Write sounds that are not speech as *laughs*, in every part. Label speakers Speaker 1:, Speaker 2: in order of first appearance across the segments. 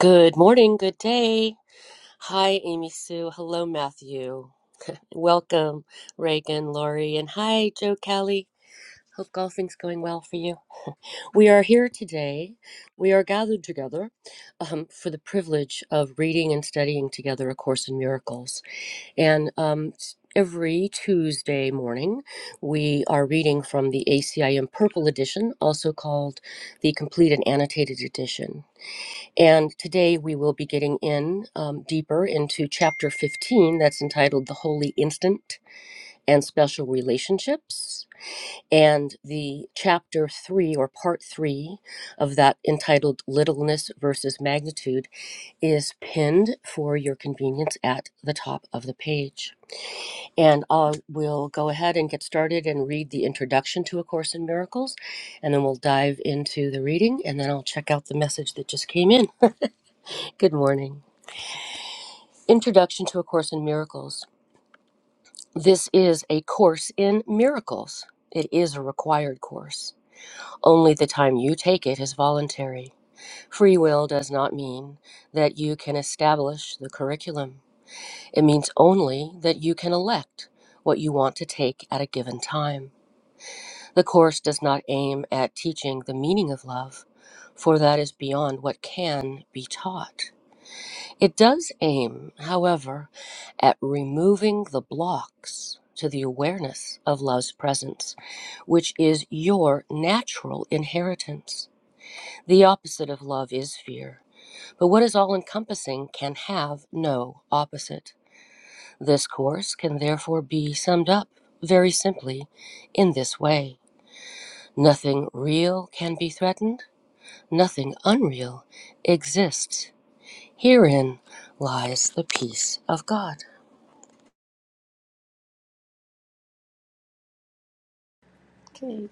Speaker 1: Good morning, good day. Hi, Amy Sue. Hello, Matthew. Welcome, Reagan, Lori, and hi, Joe Kelly. Hope golfing's going well for you. We are here today. We are gathered together um, for the privilege of reading and studying together A Course in Miracles. And um, s- every Tuesday morning, we are reading from the ACIM Purple Edition, also called the Complete and Annotated Edition. And today we will be getting in um, deeper into chapter 15 that's entitled The Holy Instant and Special Relationships. And the chapter three or part three of that entitled Littleness versus Magnitude is pinned for your convenience at the top of the page. And I will go ahead and get started and read the introduction to A Course in Miracles, and then we'll dive into the reading, and then I'll check out the message that just came in. Good morning. Introduction to A Course in Miracles. This is a course in miracles. It is a required course. Only the time you take it is voluntary. Free will does not mean that you can establish the curriculum. It means only that you can elect what you want to take at a given time. The course does not aim at teaching the meaning of love, for that is beyond what can be taught. It does aim, however, at removing the blocks to the awareness of love's presence, which is your natural inheritance. The opposite of love is fear, but what is all encompassing can have no opposite. This course can therefore be summed up very simply in this way Nothing real can be threatened, nothing unreal exists. Herein lies the peace of God.
Speaker 2: Okay.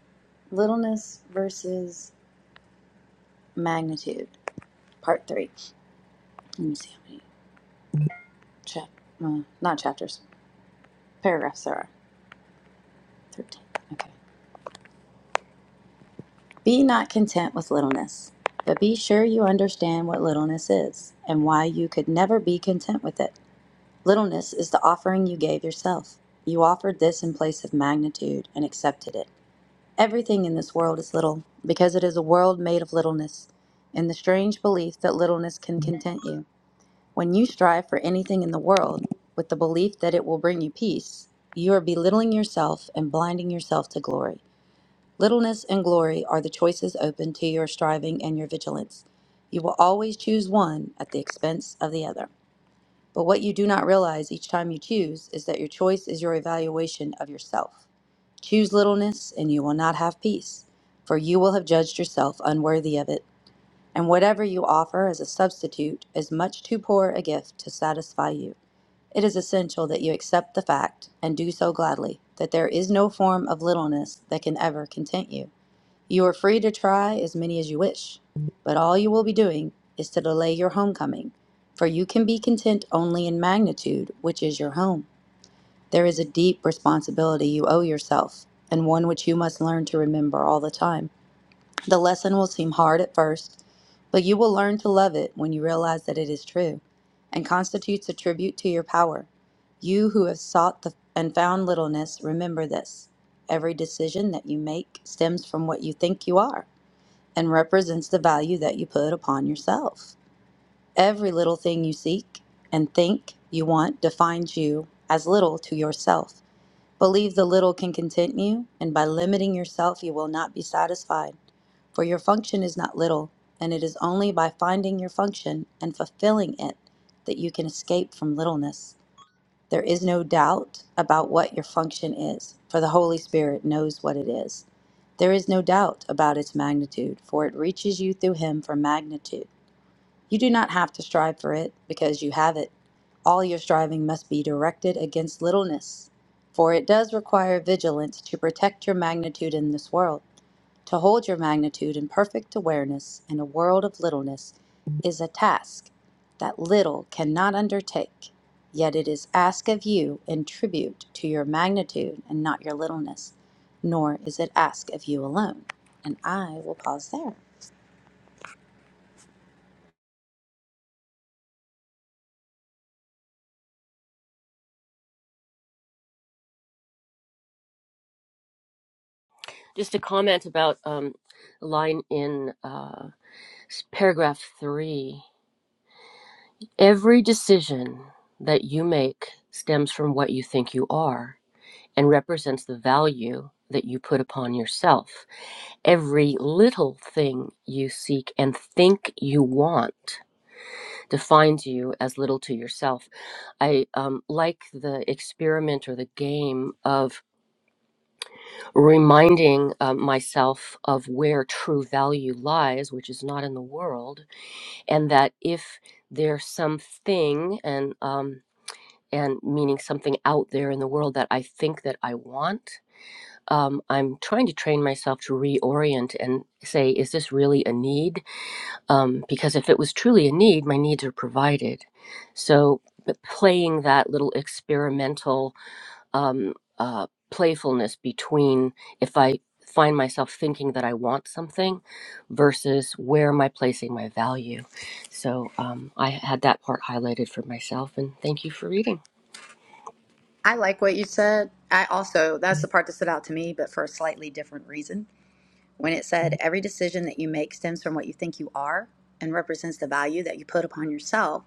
Speaker 2: Littleness versus magnitude, part three. Let me see how many chap, uh, not chapters, paragraphs there are. Thirteen. Be not content with littleness, but be sure you understand what littleness is and why you could never be content with it. Littleness is the offering you gave yourself. You offered this in place of magnitude and accepted it. Everything in this world is little because it is a world made of littleness, in the strange belief that littleness can content you. When you strive for anything in the world with the belief that it will bring you peace, you are belittling yourself and blinding yourself to glory. Littleness and glory are the choices open to your striving and your vigilance. You will always choose one at the expense of the other. But what you do not realize each time you choose is that your choice is your evaluation of yourself. Choose littleness, and you will not have peace, for you will have judged yourself unworthy of it. And whatever you offer as a substitute is much too poor a gift to satisfy you. It is essential that you accept the fact, and do so gladly, that there is no form of littleness that can ever content you. You are free to try as many as you wish, but all you will be doing is to delay your homecoming, for you can be content only in magnitude, which is your home. There is a deep responsibility you owe yourself, and one which you must learn to remember all the time. The lesson will seem hard at first, but you will learn to love it when you realize that it is true and constitutes a tribute to your power. You who have sought the, and found littleness, remember this. Every decision that you make stems from what you think you are and represents the value that you put upon yourself. Every little thing you seek and think you want defines you as little to yourself. Believe the little can content you, and by limiting yourself, you will not be satisfied. For your function is not little, and it is only by finding your function and fulfilling it that you can escape from littleness. There is no doubt about what your function is, for the Holy Spirit knows what it is. There is no doubt about its magnitude, for it reaches you through Him for magnitude. You do not have to strive for it, because you have it. All your striving must be directed against littleness, for it does require vigilance to protect your magnitude in this world. To hold your magnitude in perfect awareness in a world of littleness is a task that little cannot undertake, yet it is asked of you in tribute to your magnitude and not your littleness, nor is it asked of you alone. And I will pause there.
Speaker 1: Just a comment about um, a line in uh, paragraph three. Every decision that you make stems from what you think you are and represents the value that you put upon yourself. Every little thing you seek and think you want defines you as little to yourself. I um, like the experiment or the game of reminding uh, myself of where true value lies, which is not in the world, and that if there's something and um, and meaning something out there in the world that I think that I want, um, I'm trying to train myself to reorient and say, is this really a need? Um, because if it was truly a need, my needs are provided. So but playing that little experimental um, uh, playfulness between if I find myself thinking that I want something versus where am I placing my value. So um, I had that part highlighted for myself, and thank you for reading.
Speaker 2: I like what you said. I also, that's the part that stood out to me, but for a slightly different reason. When it said, every decision that you make stems from what you think you are and represents the value that you put upon yourself.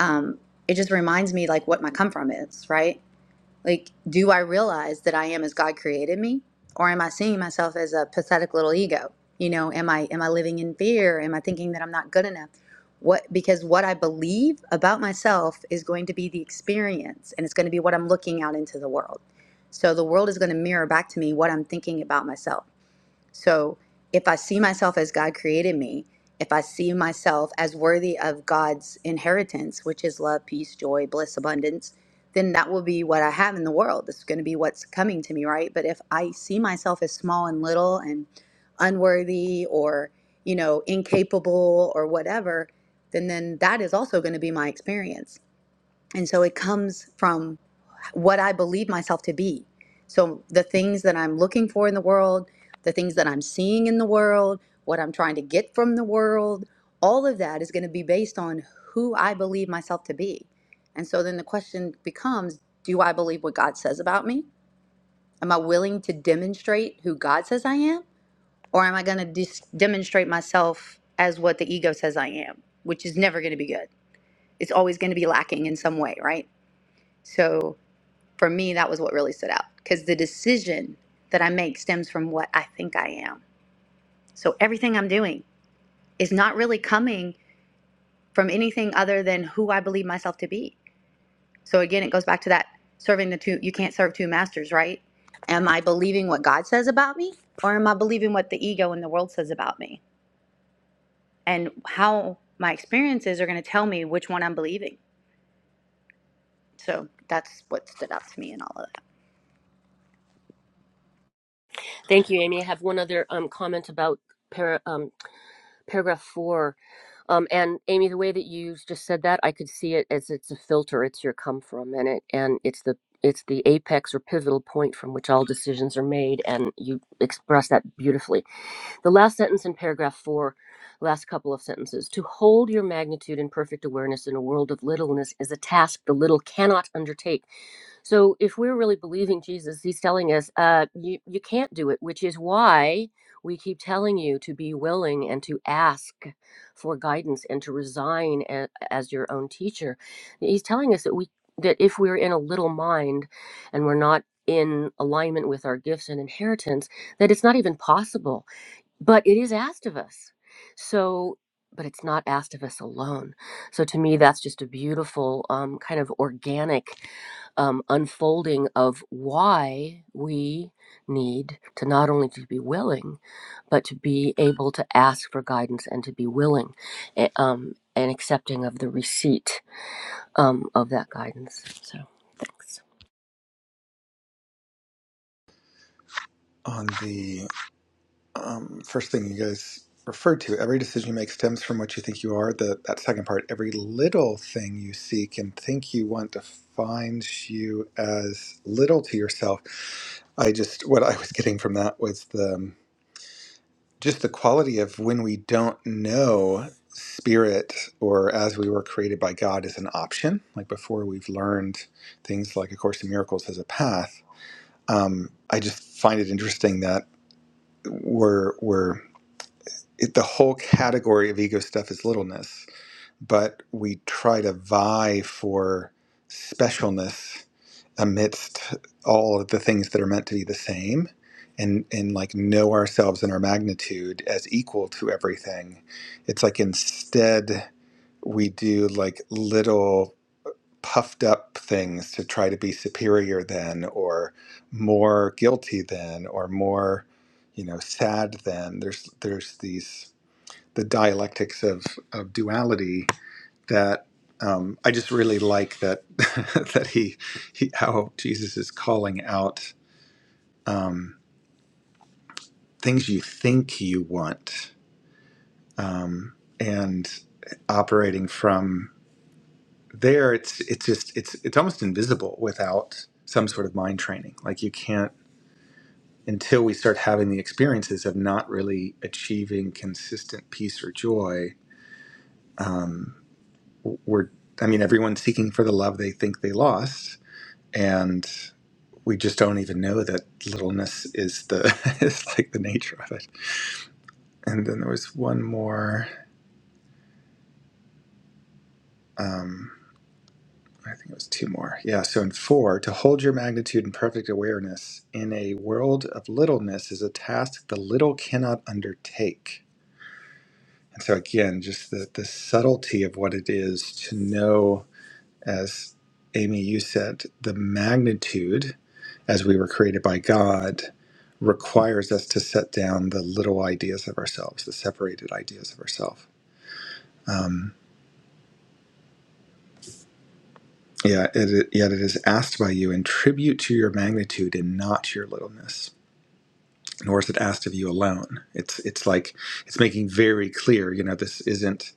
Speaker 2: um, it just reminds me like what my come from is, right? Like, do I realize that I am as God created me, or am I seeing myself as a pathetic little ego? You know, am I am I living in fear? Am I thinking that I'm not good enough? What because what I believe about myself is going to be the experience, and it's going to be what I'm looking out into the world. So the world is going to mirror back to me what I'm thinking about myself. So if I see myself as God created me, if I see myself as worthy of God's inheritance, which is love, peace, joy, bliss, abundance, then that will be what I have in the world. It's going to be what's coming to me, right? But if I see myself as small and little and unworthy or, you know, incapable or whatever, then then that is also going to be my experience. And so it comes from what I believe myself to be. So the things that I'm looking for in the world, the things that I'm seeing in the world, what I'm trying to get from the world, all of that is going to be based on who I believe myself to be. And so then the question becomes do I believe what God says about me? Am I willing to demonstrate who God says I am? Or am I going to dis- demonstrate myself as what the ego says I am, which is never going to be good? It's always going to be lacking in some way, right? So for me, that was what really stood out because the decision that I make stems from what I think I am. So everything I'm doing is not really coming from anything other than who I believe myself to be. So again, it goes back to that serving the two, you can't serve two masters, right? Am I believing what God says about me or am I believing what the ego and the world says about me? And how my experiences are going to tell me which one I'm believing. So that's what stood out to me in all of that.
Speaker 1: Thank you, Amy. I have one other um, comment about para, um, paragraph four. Um, and Amy, the way that you just said that, I could see it as it's a filter. It's your come from, and it and it's the it's the apex or pivotal point from which all decisions are made. And you express that beautifully The last sentence in paragraph four, last couple of sentences. To hold your magnitude in perfect awareness in a world of littleness is a task the little cannot undertake. So, if we're really believing Jesus, he's telling us, uh, you, you can't do it, which is why we keep telling you to be willing and to ask for guidance and to resign a, as your own teacher. He's telling us that we that if we're in a little mind and we're not in alignment with our gifts and inheritance, that it's not even possible but it is asked of us so but it's not asked of us alone so to me that's just a beautiful um, kind of organic um, unfolding of why we need to not only to be willing but to be able to ask for guidance and to be willing eh, um, and accepting of the receipt um, of that guidance so thanks
Speaker 3: on the um, first thing you guys referred to. Every decision you make stems from what you think you are. The that second part, every little thing you seek and think you want defines you as little to yourself. I just what I was getting from that was the um, just the quality of when we don't know spirit or as we were created by God is an option. Like before, we've learned things like A Course in Miracles as a path. Um, I just find it interesting that we're we're it, the whole category of ego stuff is littleness, but we try to vie for specialness amidst all of the things that are meant to be the same and and like know ourselves and our magnitude as equal to everything. It's like instead we do like little puffed up things to try to be superior than or more guilty than or more you know sad than there's there's these the dialectics of, of duality that um, I just really like that *laughs* that he, he how Jesus is calling out um, things you think you want um, and operating from there it's it's just it's it's almost invisible without some sort of mind training like you can't until we start having the experiences of not really achieving consistent peace or joy Um, We're, I mean, everyone's seeking for the love they think they lost, and we just don't even know that littleness is the *laughs* is like the nature of it. And then there was one more. Um, I think it was two more. Yeah. So in four, to hold your magnitude in perfect awareness in a world of littleness is a task the little cannot undertake. And so again, just the the subtlety of what it is to know as Amy, you said, the magnitude as we were created by God requires us to set down the little ideas of ourselves, the separated ideas of ourselves. Um, yeah, it, yet it is asked by you in tribute to your magnitude and not to your littleness. Nor is it asked of you alone. It's it's like it's making very clear. You know, this isn't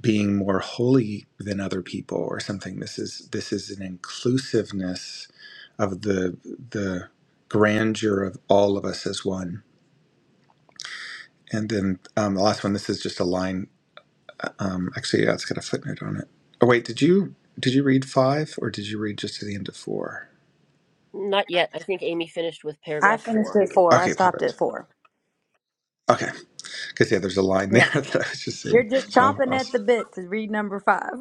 Speaker 3: being more holy than other people or something. This is this is an inclusiveness of the the grandeur of all of us as one. And then um, the last one. This is just a line. Um, actually, yeah, it's got a footnote on it. Oh wait, did you did you read five or did you read just to the end of four?
Speaker 1: not yet i think amy finished with
Speaker 2: I
Speaker 1: paragraph
Speaker 2: finished
Speaker 1: four
Speaker 2: at four. I
Speaker 3: Okay,
Speaker 2: stopped at
Speaker 3: perfect.
Speaker 2: four.
Speaker 3: Okay, because yeah, there's a line there *laughs* that I was just
Speaker 2: You're
Speaker 3: seeing.
Speaker 2: just
Speaker 3: So
Speaker 2: chomping
Speaker 3: I'll, I'll
Speaker 2: at the bit to read number five.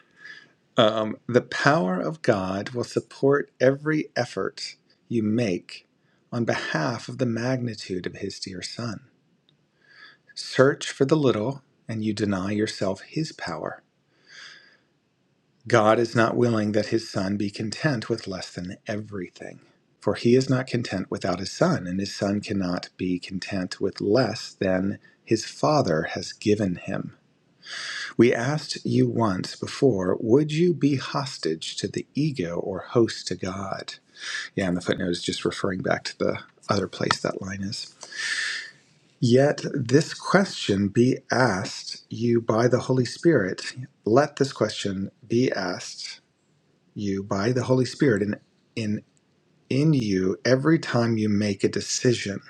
Speaker 2: *laughs*
Speaker 3: Um, the power of God will support every effort you make on behalf of the magnitude of His dear Son. Search for the little, and you deny yourself His power. God is not willing that His Son be content with less than everything, for He is not content without His Son, and His Son cannot be content with less than His Father has given Him. We asked you once before would you be hostage to the ego or host to God? Yeah, and the footnote is just referring back to the other place that line is. Yet this question be asked you by the Holy Spirit. Let this question be asked you by the Holy Spirit in in in you every time you make a decision.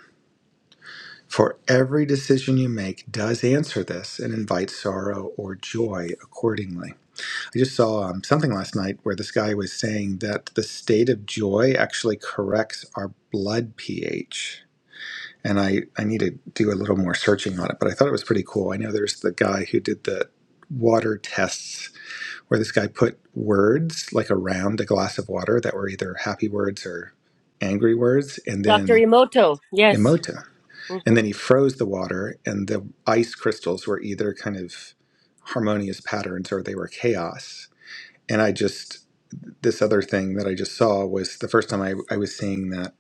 Speaker 3: For every decision you make does answer this and invite sorrow or joy accordingly. I just saw um, something last night where this guy was saying that the state of joy actually corrects our blood pH and I, I need to do a little more searching on it, but I thought it was pretty cool. I know there's the guy who did the water tests where this guy put words like around a glass of water that were either happy words or angry words and
Speaker 1: dr
Speaker 3: then
Speaker 1: emoto yes
Speaker 3: emota. And then he froze the water and the ice crystals were either kind of harmonious patterns or they were chaos. And I just this other thing that I just saw was the first time I, I was seeing that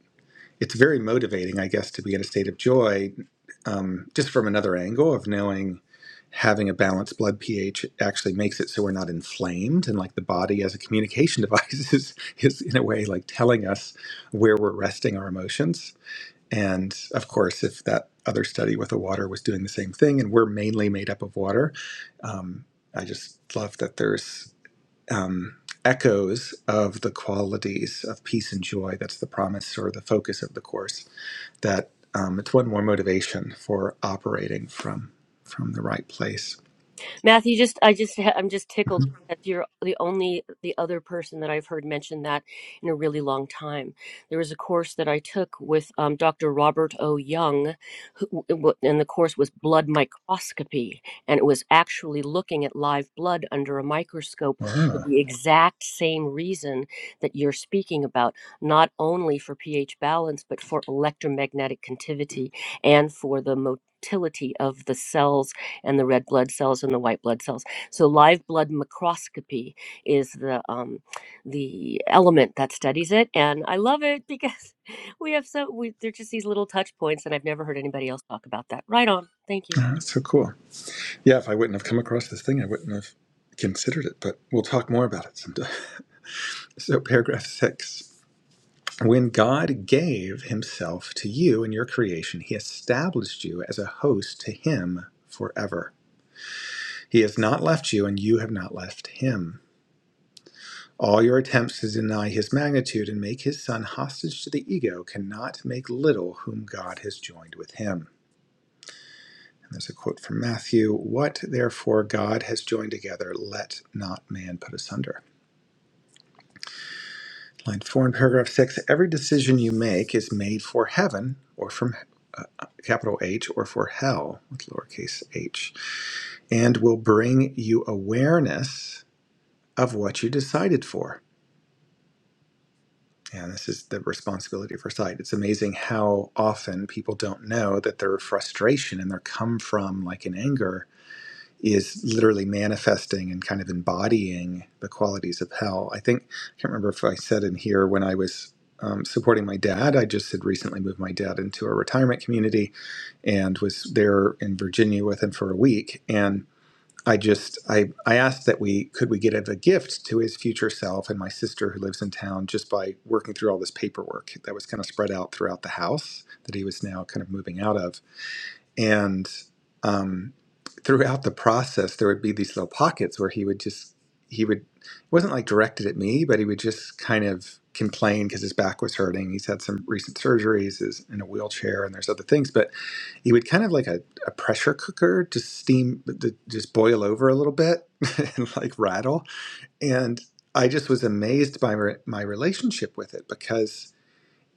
Speaker 3: it's very motivating, I guess, to be in a state of joy, um, just from another angle of knowing having a balanced blood pH actually makes it so we're not inflamed, and like the body as a communication *laughs* device is is in a way like telling us where we're resting our emotions. And of course, if that other study with the water was doing the same thing, and we're mainly made up of water, um, I just love that there's um, echoes of the qualities of peace and joy. That's the promise or the focus of the course that um, it's one more motivation for operating from from the right place.
Speaker 1: Matthew, just I just I'm just tickled
Speaker 3: Mhm.
Speaker 1: that you're the only the other person that I've heard mention that in a really long time. There was a course that I took with um, Dr. Robert O. Young, who- and the course was blood microscopy, and it was actually looking at live blood under a microscope for
Speaker 3: Wow.
Speaker 1: the exact same reason that you're speaking about, not only for pH balance but for electromagnetic contivity and for the motility of the cells and the red blood cells and the white blood cells. So live blood microscopy is the um, the element that studies it, and I love it because *laughs* we have so we, they're just these little touch points, and I've never heard anybody else talk about that. Right on. Thank you.
Speaker 3: Ah, that's so cool. Yeah, if I wouldn't have come across this thing, I wouldn't have considered it, but we'll talk more about it sometime. *laughs* So, paragraph six. When God gave himself to you in your creation, he established you as a host to him forever. He has not left you, and you have not left him. All your attempts to deny his magnitude and make his son hostage to the ego cannot make little whom God has joined with him. And there's a quote from Matthew What therefore God has joined together, let not man put asunder. Line four in paragraph six Every decision you make is made for heaven or from uh, capital H or for hell with lowercase h and will bring you awareness of what you decided for. Yeah, this is the responsibility for sight. It's amazing how often people don't know that their frustration and their come from, like an anger, is literally manifesting and kind of embodying the qualities of hell. I think, I can't remember if I said in here when I was um, supporting my dad, I just had recently moved my dad into a retirement community and was there in Virginia with him for a week. And I just I I asked that we could we get a gift to his future self and my sister who lives in town just by working through all this paperwork that was kind of spread out throughout the house that he was now kind of moving out of and um, throughout the process there would be these little pockets where he would just he would it wasn't like directed at me but he would just kind of complain because his back was hurting he's had some recent surgeries is in a wheelchair and there's other things but he would kind of like a, a pressure cooker just steam to just boil over a little bit *laughs* and like rattle and i just was amazed by re- my relationship with it because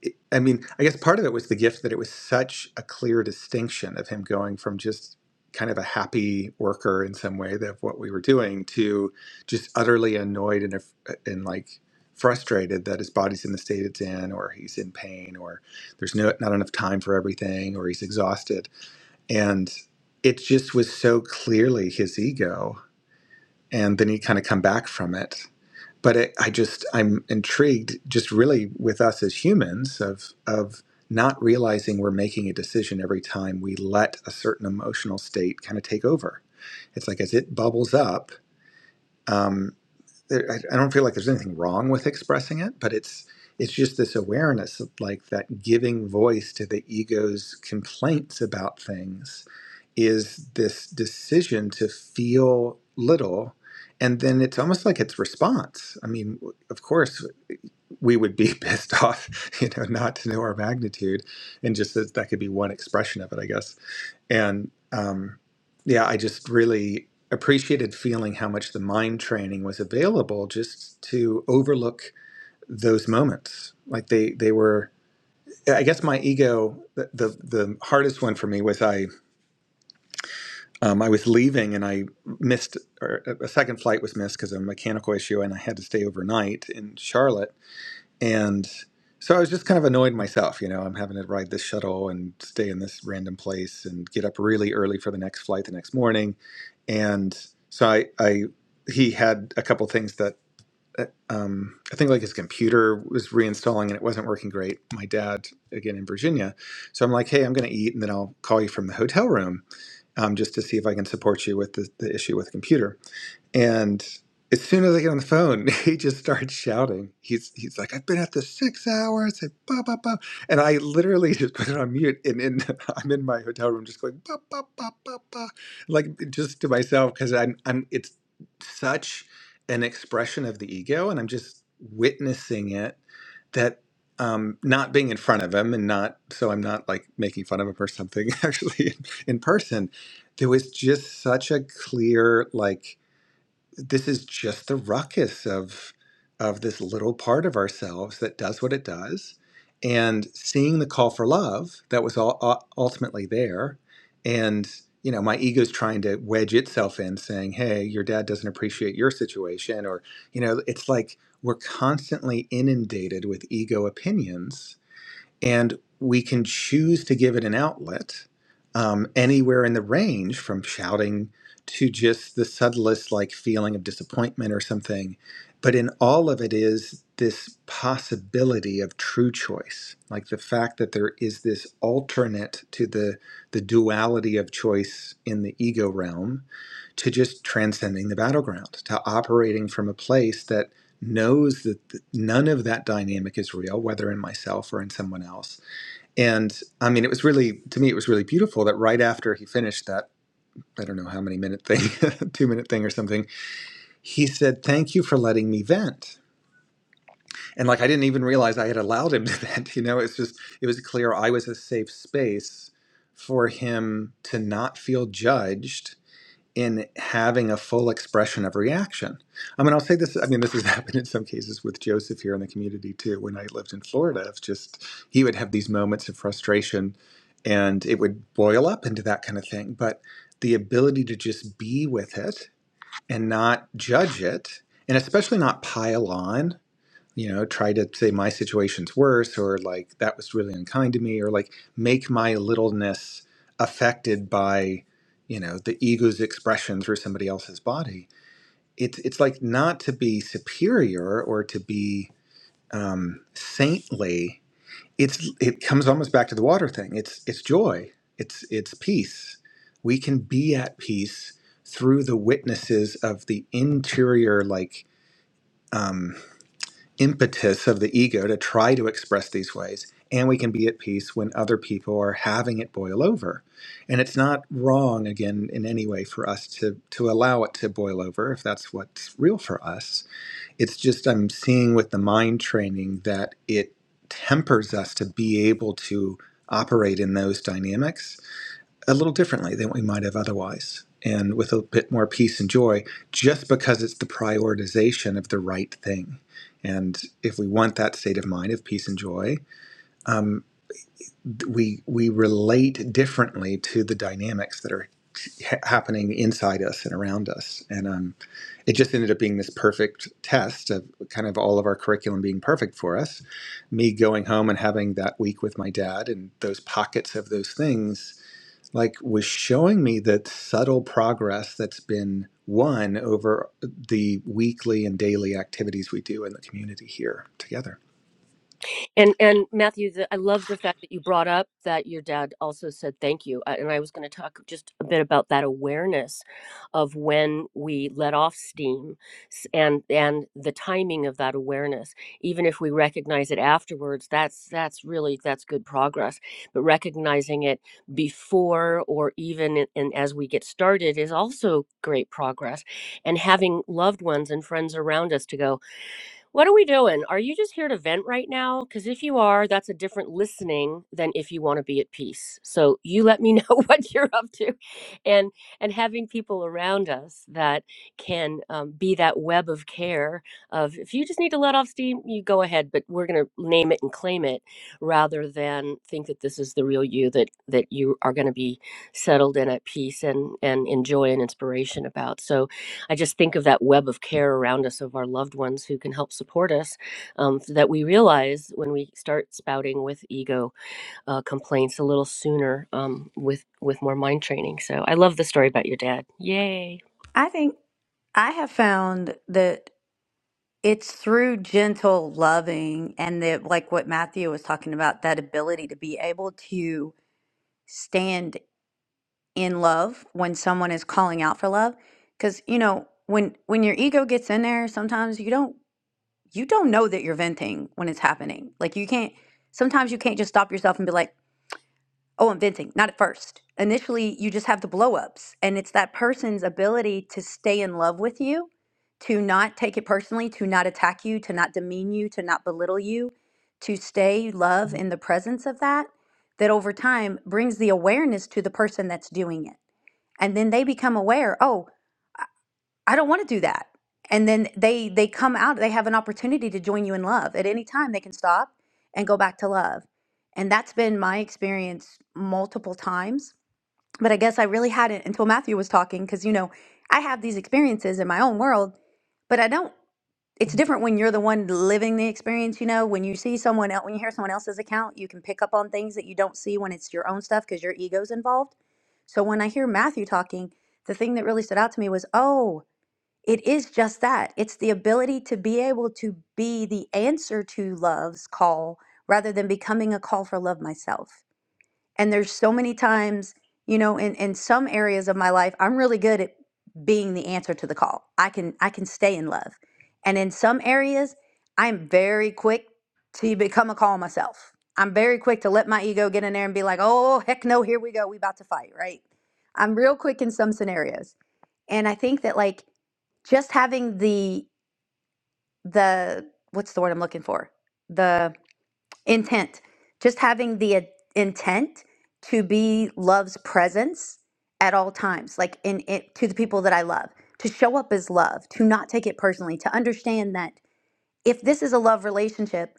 Speaker 3: it- I mean, I guess part of it was the gift that it was such a clear distinction of him going from just kind of a happy worker in some way of what we were doing to just utterly annoyed and and like frustrated that his body's in the state it's in, or he's in pain, or there's no not enough time for everything, or he's exhausted, and it just was so clearly his ego. And then he kind of come back from it but it, I just I'm intrigued, just really with us as humans, of of not realizing we're making a decision every time we let a certain emotional state kind of take over. It's like as it bubbles up. um, there, I, I don't feel like there's anything wrong with expressing it, but it's it's just this awareness of like that giving voice to the ego's complaints about things is this decision to feel little and then it's almost like it's response i mean of course we would be *laughs* pissed off you know not to know our magnitude and just that, that could be one expression of it i guess and um, yeah, I just really appreciated feeling how much the mind training was available just to overlook those moments. Like they they were. I guess my ego, the the, the hardest one for me was I. Um, I was leaving and I missed, or a a second flight was missed because of a mechanical issue, and I had to stay overnight in Charlotte and so I was just kind of annoyed myself, you know, I'm having to ride this shuttle and stay in this random place and get up really early for the next flight the next morning. And so I, I he had a couple things that uh, um, I think like his computer was reinstalling and it wasn't working great. My dad, again in Virginia. So I'm like, hey, I'm going to eat and then I'll call you from the hotel room um, just to see if I can support you with the, the issue with the computer. And as soon as I get on the phone, *laughs* he just starts shouting. He's he's like, I've been at this six hours and blah blah blah. And I literally just put it on mute and in *laughs* I'm in my hotel room just going bah, bah, bah, bah, bah, like just to myself because I'm I'm it's such an expression of the ego and I'm just witnessing it that um, not being in front of him and not so I'm not like making fun of him or something *laughs* actually in, in person. There was just such a clear like this is just the ruckus of of this little part of ourselves that does what it does and seeing the call for love that was all, uh, ultimately there and you know my ego's trying to wedge itself in saying hey your dad doesn't appreciate your situation or you know it's like we're constantly inundated with ego opinions and we can choose to give it an outlet um, anywhere in the range from shouting to just the subtlest like feeling of disappointment or something but in all of it is this possibility of true choice like the fact that there is this alternate to the the duality of choice in the ego realm to just transcending the battleground to operating from a place that knows that none of that dynamic is real, whether in myself or in someone else. And I mean, it was really, to me, it was really beautiful that right after he finished that, I don't know how many minute thing, *laughs* two minute thing or something, he said, Thank you for letting me vent. And like, I didn't even realize I had allowed him *laughs* to vent. You know, it's just, it was clear I was a safe space for him to not feel judged in having a full expression of reaction. I mean, I'll say this. I mean, this has *laughs* happened in some cases with Joseph here in the community too. When I lived in Florida, of just he would have these moments of frustration, and it would boil up into that kind of thing. But the ability to just be with it and not judge it, and especially not pile on you know try to say my situation's worse or like that was really unkind to me or like make my littleness affected by you know the ego's expression through somebody else's body it's it's like not to be superior or to be um, saintly it's it comes almost back to the water thing it's it's joy it's it's peace we can be at peace through the witnesses of the interior like um, impetus of the ego to try to express these ways and we can be at peace when other people are having it boil over and it's not wrong again in any way for us to to allow it to boil over if that's what's real for us it's just i'm seeing with the mind training that it tempers us to be able to operate in those dynamics a little differently than we might have otherwise and with a bit more peace and joy just because it's the prioritization of the right thing and if we want that state of mind of peace and joy um, we we relate differently to the dynamics that are ha- happening inside us and around us and um, it just ended up being this perfect test of kind of all of our curriculum being perfect for us me going home and having that week with my dad and those pockets of those things like was showing me that subtle progress that's been won over the weekly and daily activities we do in the community here together.
Speaker 1: And and Matthew, the, I love the fact that you brought up that your dad also said thank you, Uh, and I was going to talk just a bit about that awareness of when we let off steam, s- and and the timing of that awareness. Even if we recognize it afterwards, that's that's really that's good progress. But recognizing it before or even in, in, as we get started is also great progress. And having loved ones and friends around us to go. What are we doing? Are you just here to vent right now? Because if you are, that's a different listening than if you want to be at peace. So you let me know *laughs* what you're up to, and and having people around us that can um, be that web of care. Of if you just need to let off steam, you go ahead. But we're going to name it and claim it, rather than think that this is the real you that that you are going to be settled and at peace and and enjoy and inspiration about. So I just think of that web of care around us of our loved ones who can help support us. Um, so that we realize when we start spouting with ego uh, complaints a little sooner um, with with more mind training. So I love the story about your dad. Yay!
Speaker 2: I think I have found that it's through gentle loving and that, like what Matthew was talking about, that ability to be able to stand in love when someone is calling out for love. Because you know, when when your ego gets in there, sometimes you don't you don't know that you're venting when it's happening. Like you can't. Sometimes you can't just stop yourself and be like, Oh, i venting, not at first. Initially, you just have the blow ups, and it's that person's ability to stay in love with you, to not take it personally, to not attack you, to not demean you, to not belittle you, to stay love in the presence of that, that over time brings the awareness to the person that's doing it. And then they become aware, oh, I don't want to do that. And then they they come out, they have an opportunity to join you in love. At any time they can stop and go back to love. And that's been my experience multiple times but I guess I really hadn't until Matthew was talking because, you know, I have these experiences in my own world, but I don't. It's different when you're the one living the experience, you know, when you see someone else, when you hear someone else's account, you can pick up on things that you don't see when it's your own stuff because your ego's involved. So when I hear Matthew talking, the thing that really stood out to me was, oh, it is just that. It's the ability to be able to be the answer to love's call rather than becoming a call for love myself. And there's so many times, you know, in, in some areas of my life, I'm really good at being the answer to the call. I can I can stay in love. And in some areas, I'm very quick to become a call myself. I'm very quick to let my ego get in there and be like, oh heck no, here we go. We about to fight, right? I'm real quick in some scenarios. And I think that like just having the the what's the word I'm looking for? the intent just having the uh, intent to be love's presence at all times like in it to the people that i love to show up as love to not take it personally to understand that if this is a love relationship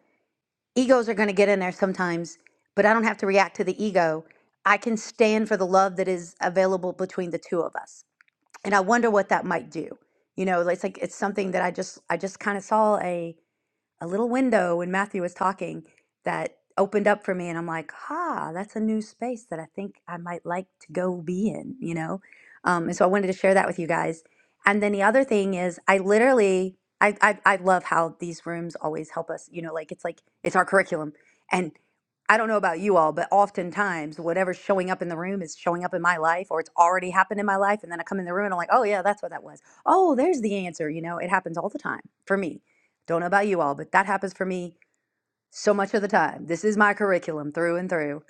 Speaker 2: egos are going to get in there sometimes but i don't have to react to the ego i can stand for the love that is available between the two of us and i wonder what that might do you know it's like it's something that i just i just kind of saw a a little window when Matthew was talking that opened up for me. And I'm like, ha, that's a new space that I think I might like to go be in, you know? Um, and so I wanted to share that with you guys. And then the other thing is, I literally, I, I, I love how these rooms always help us, you know, like it's like, it's our curriculum. And I don't know about you all, but oftentimes whatever's showing up in the room is showing up in my life or it's already happened in my life. And then I come in the room and I'm like, oh, yeah, that's what that was. Oh, there's the answer. You know, it happens all the time for me. Don't know about you all, but that happens for me so much of the time. This is my curriculum through and through.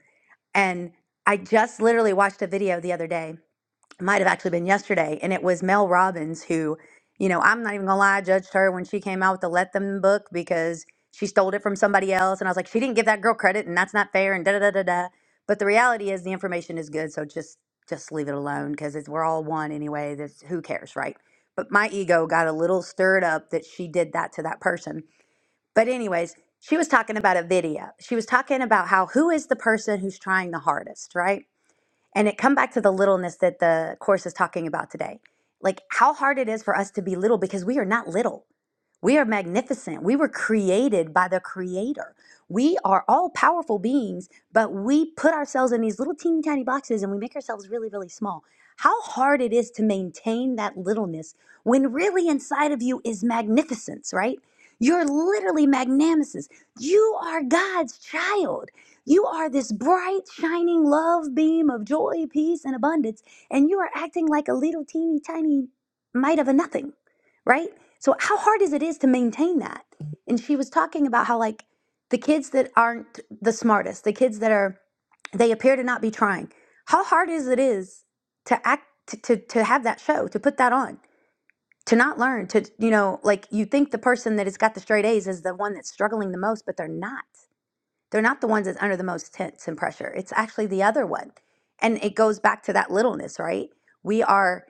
Speaker 2: And I just literally watched a video the other day, it might have actually been yesterday, and it was Mel Robbins who, you know, I'm not even gonna lie, I judged her when she came out with the Let Them book because she stole it from somebody else. And I was like, she didn't give that girl credit and that's not fair and da da da da da. But the reality is the information is good, so just just leave it alone because we're all one anyway. That's who cares, right? But my ego got a little stirred up that she did that to that person but anyways, she was talking about a video. She was talking about how who is the person who's trying the hardest, right? And it come back to the littleness that the course is talking about today. Like how hard it is for us to be little because we are not little. We are magnificent. We were created by the Creator. We are all powerful beings, but we put ourselves in these little teeny tiny boxes and we make ourselves really, really small. How hard it is to maintain that littleness when really inside of you is magnificence, right? You're literally magnanimous. You are God's child. You are this bright, shining love beam of joy, peace, and abundance, and you are acting like a little teeny tiny mite of a nothing, right? So how hard is it is to maintain that? And she was talking about how like the kids that aren't the smartest, the kids that are they appear to not be trying. How hard is it is to act to to, to have that show, to put that on, to not learn, to you know, like you think the person that has got the straight A's is the one that's struggling the most, but they're not. They're not the ones that's under the most tense and pressure. It's actually the other one. And it goes back to that littleness, right? We are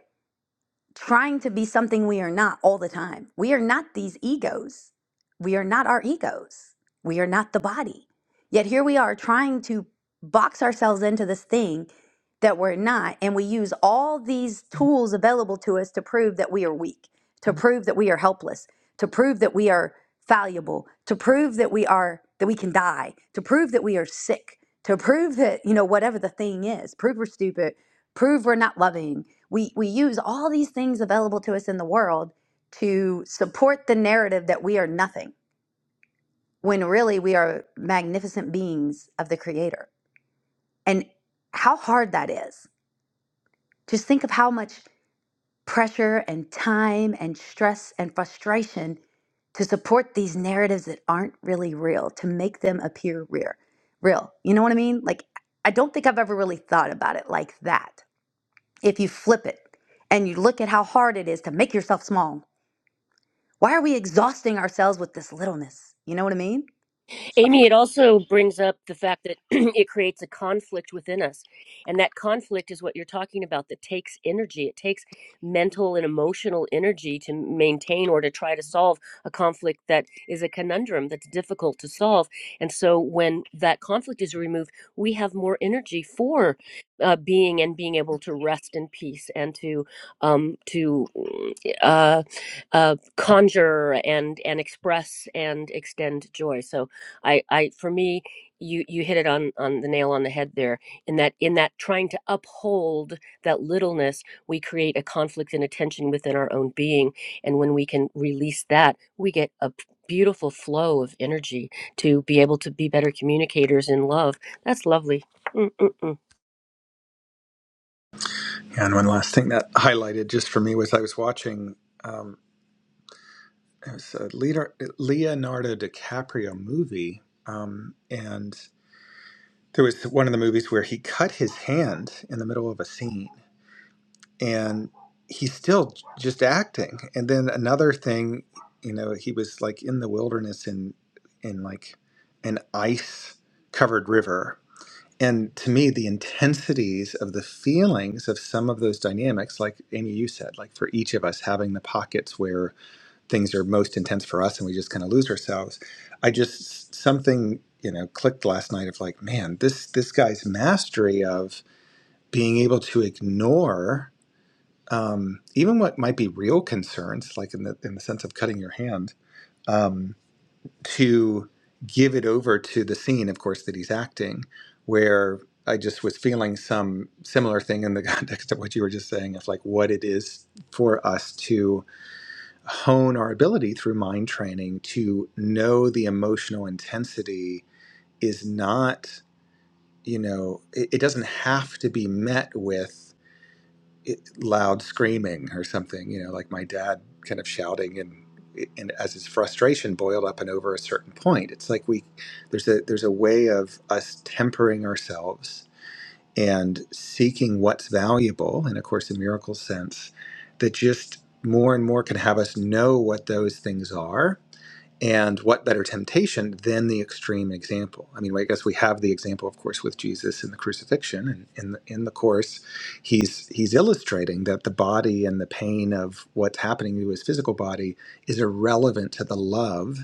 Speaker 2: trying to be something we are not all the time. We are not these egos. We are not our egos. We are not the body. Yet here we are trying to box ourselves into this thing that we're not. And we use all these tools available to us to prove that we are weak, to prove that we are helpless, to prove that we are fallible, to prove that we are that we can die, to prove that we are sick, to prove that, you know, whatever the thing is, prove we're stupid, prove we're not loving. We we use all these things available to us in the world to support the narrative that we are nothing when really we are magnificent beings of the creator. And how hard that is. Just think of how much pressure and time and stress and frustration to support these narratives that aren't really real, to make them appear real. Real. You know what I mean? Like I don't think I've ever really thought about it like that. If you flip it and you look at how hard it is to make yourself small, why are we exhausting ourselves with this littleness? You know what I mean?
Speaker 1: Amy, it also brings up the fact that *clears throat* it creates a conflict within us. And that conflict is what you're talking about that takes energy. It takes mental and emotional energy to maintain or to try to solve a conflict that is a conundrum that's difficult to solve. And so when that conflict is removed, we have more energy for uh, being and being able to rest in peace and to um, to uh, uh, conjure and and express and extend joy. So I, I for me, you you hit it on on the nail on the head there. In that in that trying to uphold that littleness, we create a conflict and a tension within our own being. And when we can release that, we get a p- beautiful flow of energy to be able to be better communicators in love. That's lovely. Mm-mm-mm.
Speaker 3: Yeah, And one last thing that highlighted just for me was I was watching um, it was a Leonardo Leonardo DiCaprio movie, um, and there was one of the movies where he cut his hand in the middle of a scene and he's still just acting. And then another thing, you know, he was like in the wilderness in in like an ice covered river. And to me, the intensities of the feelings of some of those dynamics, like Amy, you said, like for each of us having the pockets where things are most intense for us and we just kind of lose ourselves. I just something, you know, clicked last night of like, man, this this guy's mastery of being able to ignore um, even what might be real concerns, like in the in the sense of cutting your hand, um, to give it over to the scene, of course, that he's acting, where I just was feeling some similar thing in the *laughs* context of what you were just saying of like what it is for us to hone our ability through mind training to know the emotional intensity is not, you know, it, it doesn't have to be met with it- loud screaming or something, you know, like my dad kind of shouting and and as his frustration boiled up and over a certain point. It's like we there's a there's a way of us tempering ourselves and seeking what's valuable in a course in miracles sense that just more and more can have us know what those things are and what better temptation than the extreme example? I mean, I guess we have the example, of course, with Jesus in the crucifixion, and in the, in the course, he's he's illustrating that the body and the pain of what's happening to his physical body is irrelevant to the love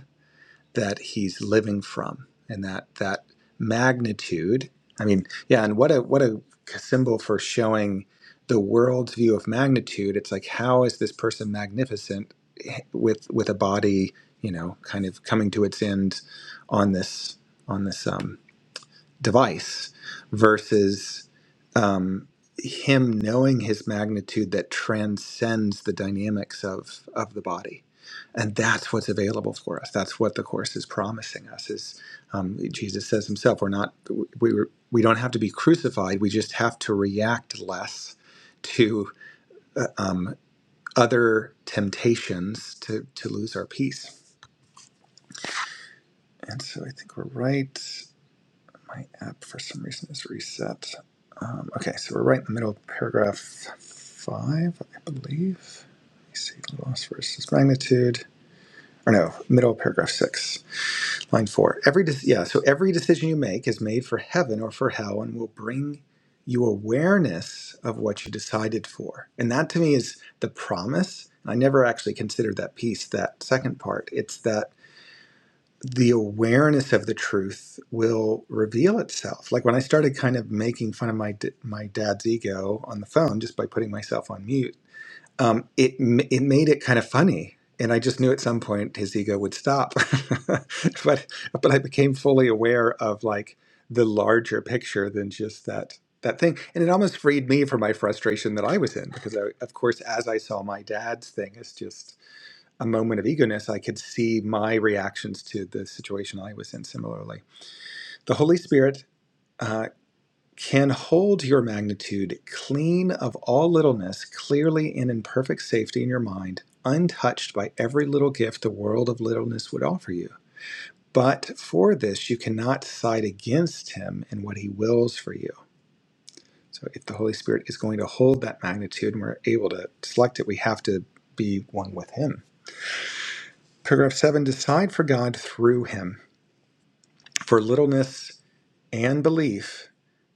Speaker 3: that he's living from and that that magnitude i mean yeah and what a what a symbol for showing the world's view of magnitude it's like how is this person magnificent eh, with with a body you know kind of coming to its end on this on this um device versus um, him knowing his magnitude that transcends the dynamics of of the body and that's what's available for us that's what the course is promising us is um, jesus says himself we're not we, we we don't have to be crucified we just have to react less to uh, um, other temptations to to lose our peace and so i think we're right My app, for some reason, is reset. Um, okay, so we're right in the middle of paragraph five, I believe. Let me see, loss versus magnitude. Or no, middle of paragraph six, line four. Every de- yeah, so every decision you make is made for heaven or for hell, and will bring you awareness of what you decided for. And that to me is the promise. I never actually considered that piece, that second part. It's that the awareness of the truth will reveal itself. Like when I started kind of making fun of my d- my dad's ego on the phone just by putting myself on mute, um, it m- it made it kind of funny, and I just knew at some point his ego would stop. *laughs* but but I became fully aware of like the larger picture than just that that thing, and it almost freed me from my frustration that I was in because I, of course, as I saw my dad's thing, it's just a moment of eagerness, I could see my reactions to the situation I was in similarly. The Holy Spirit uh, can hold your magnitude clean of all littleness, clearly and in perfect safety in your mind, untouched by every little gift the world of littleness would offer you. But for this, you cannot side against him in what he wills for you. So, if the Holy Spirit is going to hold that magnitude and we're able to select it, we have to be one with him. Paragraph 7 Decide for God through him. for littleness and belief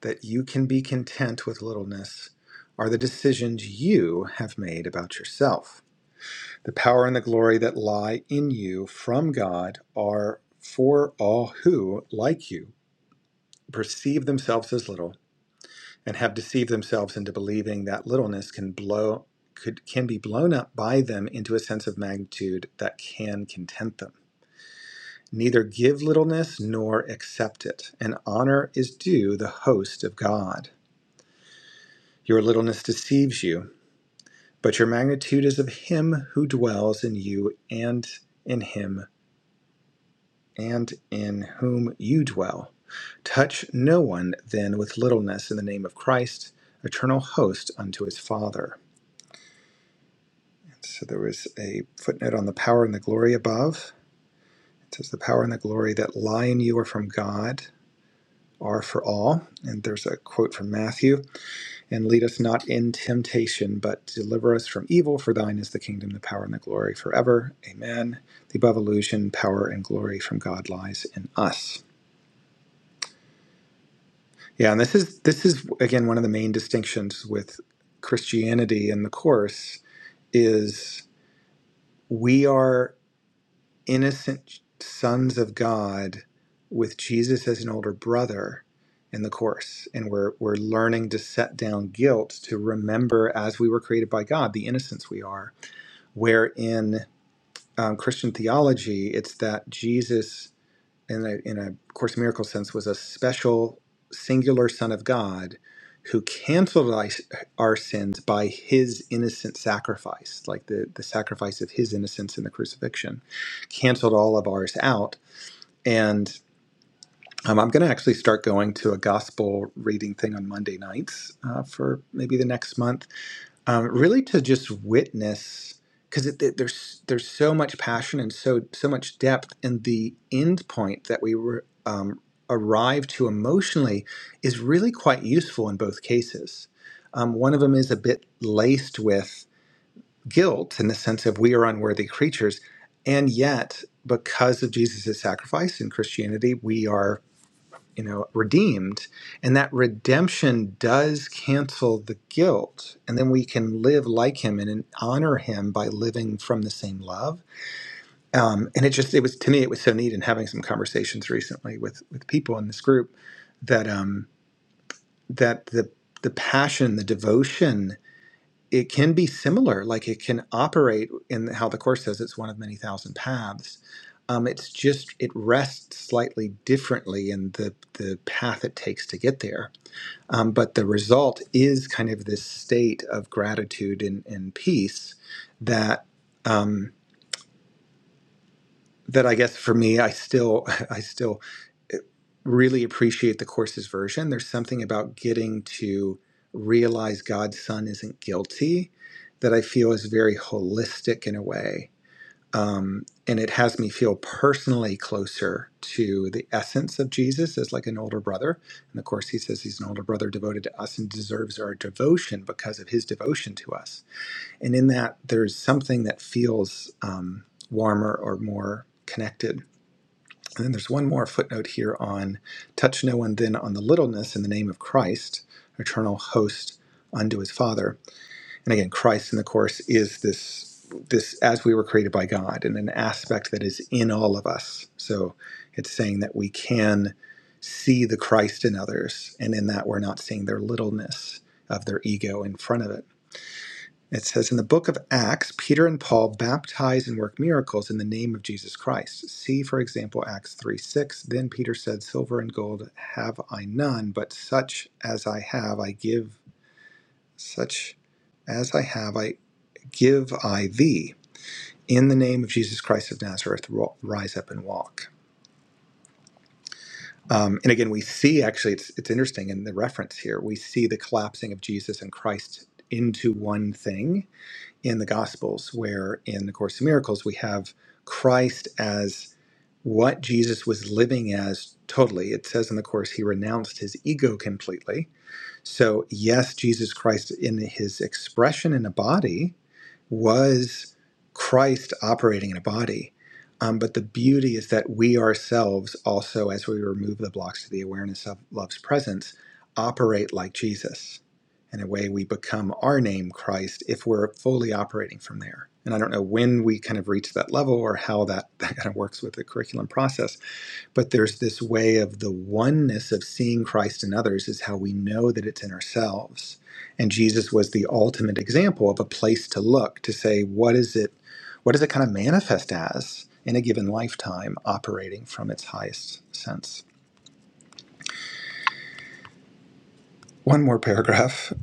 Speaker 3: that you can be content with littleness are the decisions you have made about yourself. The power and the glory that lie in you from God are for all who, like you, perceive themselves as little and have deceived themselves into believing that littleness can blow could can be blown up by them into a sense of magnitude that can content them. neither give littleness nor accept it. And honor is due the host of God. Your littleness deceives you, but your magnitude is of him who dwells in you and in him and in whom you dwell. Touch no one then with littleness in the name of Christ, eternal host unto his Father. So there was a footnote on the power and the glory above. It says, The power and the glory that lie in you are from God, are for all. And there's a quote from Matthew And lead us not in temptation, but deliver us from evil. For thine is the kingdom, the power, and the glory forever. Amen. The above illusion, power and glory from God lies in us. Yeah, and this is this is again one of the main distinctions with Christianity in the course is we are innocent sons of God with Jesus as an older brother in the course and we're we're learning to set down guilt to remember as we were created by God the innocence we are where in um, Christian theology, it's that Jesus, in a, in a Course in Miracles sense, was a special, singular Son of God who canceled our sins by his innocent sacrifice, like the, the sacrifice of his innocence in the crucifixion, canceled all of ours out. And um, I'm going to actually start going to a gospel reading thing on Monday nights uh, for maybe the next month um, really to just witness because there's there's so much passion and so so much depth and the end point that we were um, arrive to emotionally is really quite useful in both cases. Um, one of them is a bit laced with guilt in the sense of we are unworthy creatures, and yet because of Jesus' sacrifice in Christianity, we are you know redeemed and that redemption does cancel the guilt and then we can live like him and, and honor him by living from the same love um, and it just it was to me it was so neat in having some conversations recently with with people in this group that um that the the passion the devotion it can be similar like it can operate in how the course says it's one of many thousand paths um, it's just it rests slightly differently in the the path it takes to get there um, but the result is kind of this state of gratitude and, and peace that um, that I guess for me, I still *laughs* I still eh, really appreciate the course's version. There's something about getting to realize God's son isn't guilty that I feel is very holistic in a way um, and it has me feel personally closer to the essence of Jesus as like an older brother. And of course, he says he's an older brother devoted to us and deserves our devotion because of his devotion to us. And in that, there's something that feels um, warmer or more connected. And then there's one more footnote here on touch no one then on the littleness in the name of Christ, eternal host unto his Father and again, Christ in the Course is this this as we were created by God and an aspect that is in all of us. So it's saying that we can see the Christ in others, and in that we're not seeing their littleness of their ego in front of it. It says in the book of Acts, Peter and Paul baptize and work miracles in the name of Jesus Christ. See, for example, Acts 3 6. Then Peter said, Silver and gold have I none, but such as I have I give, such as I have I Give I thee, in the name of Jesus Christ of Nazareth, rise up and walk. Um, and again, we see actually, it's, it's interesting in the reference here, we see the collapsing of Jesus and Christ into one thing in the Gospels, where in the Course of Miracles, we have Christ as what Jesus was living as totally. It says in the Course, he renounced his ego completely So, yes, Jesus Christ in his expression in a body was Christ operating in a body. Um, but the beauty is that we ourselves also, as we remove the blocks to the awareness of love's presence, operate like Jesus. In a way, we become our name, Christ, if we're fully operating from there. And I don't know when we kind of reach that level or how that, *laughs* that kind of works with the curriculum process but there's this way of the oneness of seeing Christ in others is how we know that it's in ourselves. And Jesus was the ultimate example of a place to look to say, what is it, what does it kind of manifest as in a given lifetime operating from its highest sense? One more paragraph.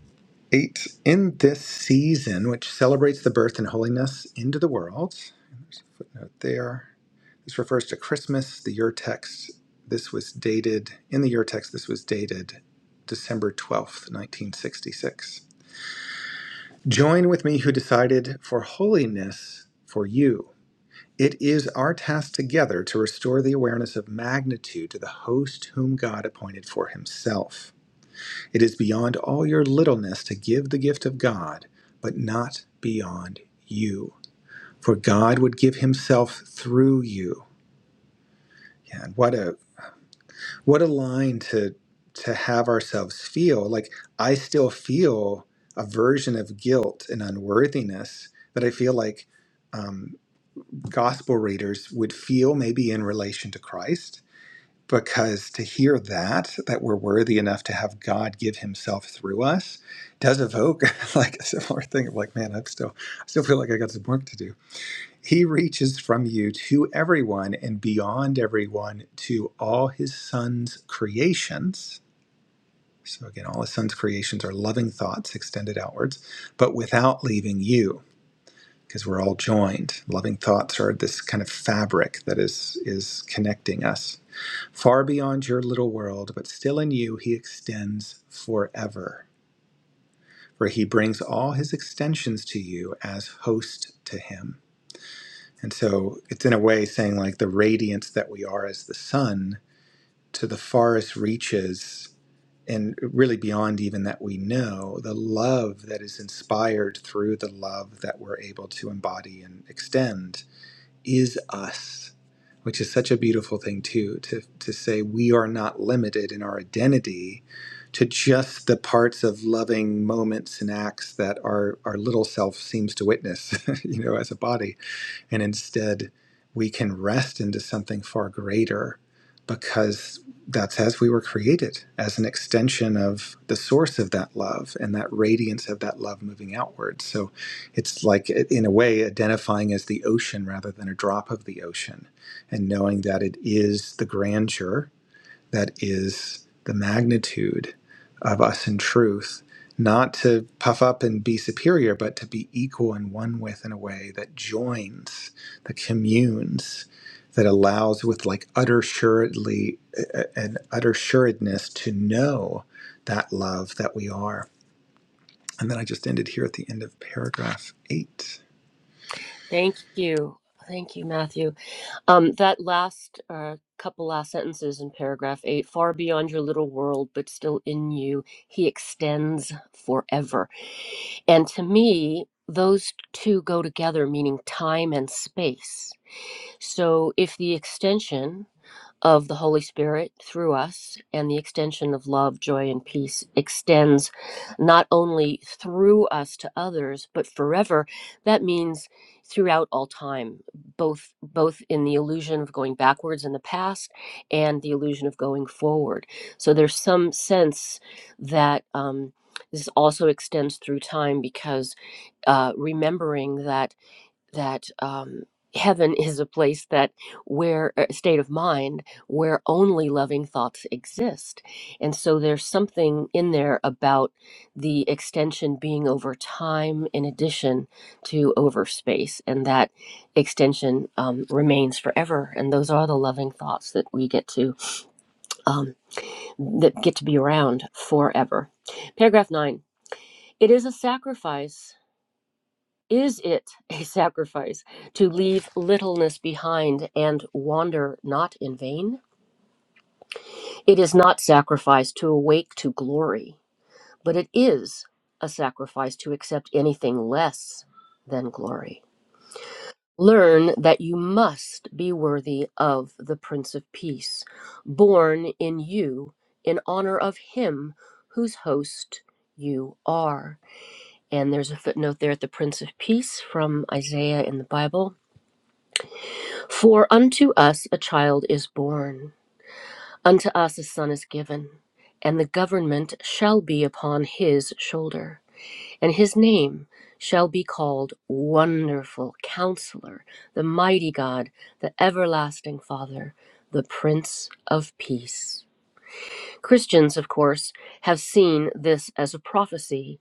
Speaker 3: Eight. In this season, which celebrates the birth and holiness into the world, and there's a footnote there This refers to Christmas, the Ur text. This was dated, in the Ur text, this was dated December 12th, 1966. Join with me who decided for holiness for you. It is our task together to restore the awareness of magnitude to the host whom God appointed for himself. It is beyond all your littleness to give the gift of God, but not beyond you. For God would give himself through you. Yeah, and what a what a line to to have ourselves feel like i still feel a version of guilt and unworthiness that i feel like um, gospel readers would feel maybe in relation to christ because to hear that that we're worthy enough to have god give himself through us does evoke *laughs* like a similar thing of like man i'm still i still feel like i got some work to do he reaches from you to everyone and beyond everyone to all his son's creations. So, again, all his son's creations are loving thoughts extended outwards, but without leaving you, because we're all joined. Loving thoughts are this kind of fabric that is, is connecting us. Far beyond your little world, but still in you, he extends forever. For he brings all his extensions to you as host to him. And so it's in a way saying like the radiance that we are as the sun to the farthest reaches and really beyond even that we know, the love that is inspired through the love that we're able to embody and extend is us, which is such a beautiful thing too, to to say we are not limited in our identity to just the parts of loving moments and acts that our, our little self seems to witness, *laughs* you know, as a body and instead, we can rest into something far greater because that's as we were created, as an extension of the source of that love and that radiance of that love moving outward. So it's like, in a way, identifying as the ocean rather than a drop of the ocean and knowing that it is the grandeur that is the magnitude of us in truth, not to puff up and be superior, but to be equal and one with in a way that joins, that communes, that allows with like utter suredly a- an utter suredness to know that love that we are. And then I just ended here at the end of paragraph eight.
Speaker 1: Thank you. Thank you, Matthew. Um, that last uh, couple last sentences in paragraph eight, far beyond your little world, but still in you, he extends forever And to me, those two go together, meaning time and space. So if the extension of the Holy Spirit through us and the extension of love, joy, and peace extends not only through us to others, but forever. That means throughout all time, both both in the illusion of going backwards in the past and the illusion of going forward. So there's some sense that um, this also extends through time because uh, remembering that that um, heaven is a place that where a state of mind where only loving thoughts exist and so there's something in there about the extension being over time in addition to over space and that extension um, remains forever and those are the loving thoughts that we get to um, that get to be around forever paragraph 9 it is a sacrifice is it a sacrifice to leave littleness behind and wander not in vain? It is not sacrifice to awake to glory, but it is a sacrifice to accept anything less than glory. Learn that you must be worthy of the Prince of Peace, born in you in honor of him whose host you are. And there's a footnote there at the Prince of Peace from Isaiah in the Bible For unto us a child is born, unto us a son is given, and the government shall be upon his shoulder. And his name shall be called Wonderful Counselor, the Mighty God, the Everlasting Father, the Prince of Peace. Christians, of course, have seen this as a prophecy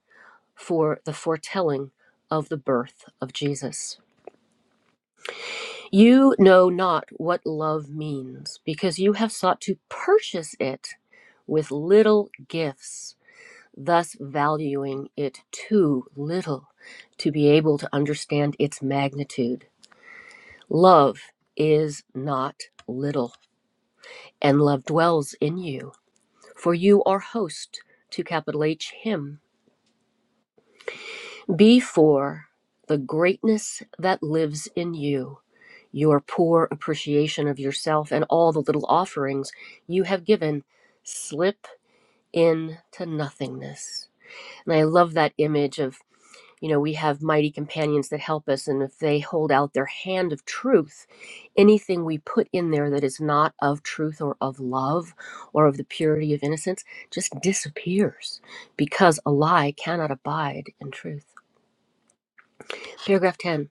Speaker 1: for the foretelling of the birth of Jesus. You know not what love means, because you have sought to purchase it with little gifts, thus valuing it too little to be able to understand its magnitude. Love is not little, and love dwells in you, for you are host to capital H Him. Before the greatness that lives in you. your poor appreciation of yourself and all the little offerings you have given slip into nothingness. And I love that image of, you know, we have mighty companions that help us, and if they hold out their hand of truth, anything we put in there that is not of truth or of love or of the purity of innocence just disappears because a lie cannot abide in truth. Paragraph 10.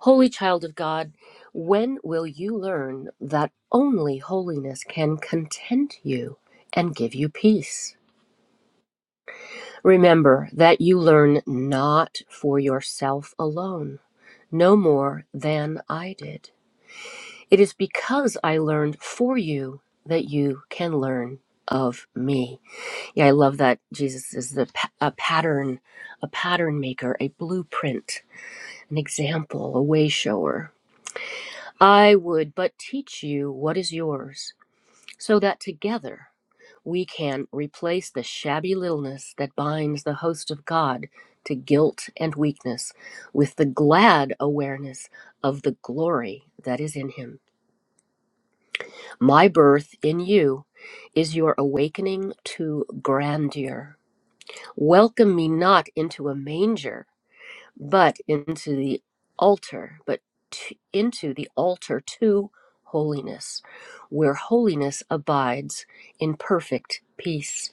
Speaker 1: Holy child of God, when will you learn that only holiness can content you and give you peace? Remember that you learn not for yourself alone, no more than I did. It is because I learned for you that you can learn of me. Yeah, I love that Jesus is the pa- a pattern, a pattern maker, a blueprint, an example, a way shower. I would but teach you what is yours, so that together we can replace the shabby littleness that binds the host of God to guilt and weakness with the glad awareness of the glory that is in Him. My birth in you is your awakening to grandeur. Welcome me not into a manger but into the altar, but t- into the altar to holiness, where holiness abides in perfect peace.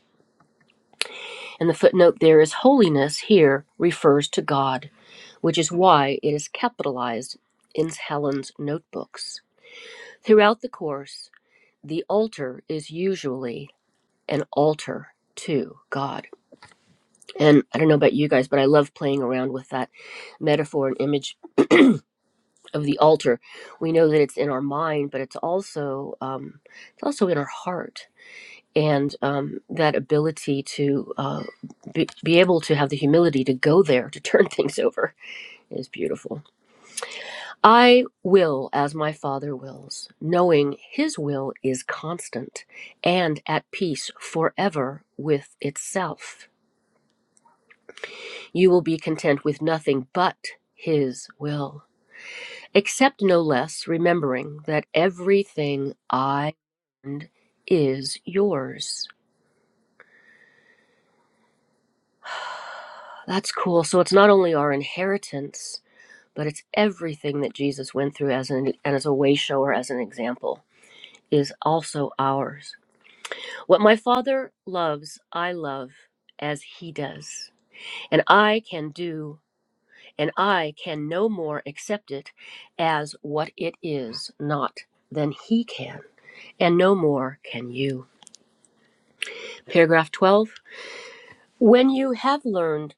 Speaker 1: And the footnote there is holiness here refers to God, which is why it is capitalized in Helen's notebooks. Throughout the course, the altar is usually an altar to God. And I don't know about you guys, but I love playing around with that metaphor and image of the altar we know that it's in our mind but it's also um, it's also in our heart and um, that ability to uh, be, be able to have the humility to go there to turn *laughs* things over is beautiful i will as my father wills knowing his will is constant and at peace forever with itself you will be content with nothing but his will except no less remembering that everything I learned is yours. That's cool. So it's not only our inheritance, but it's everything that Jesus went through as an and as a way shower, as an example, is also ours. What my father loves, I love as he does. And I can do and I can no more accept it as what it is, not than he can. And no more can you. Paragraph 12 When you have learned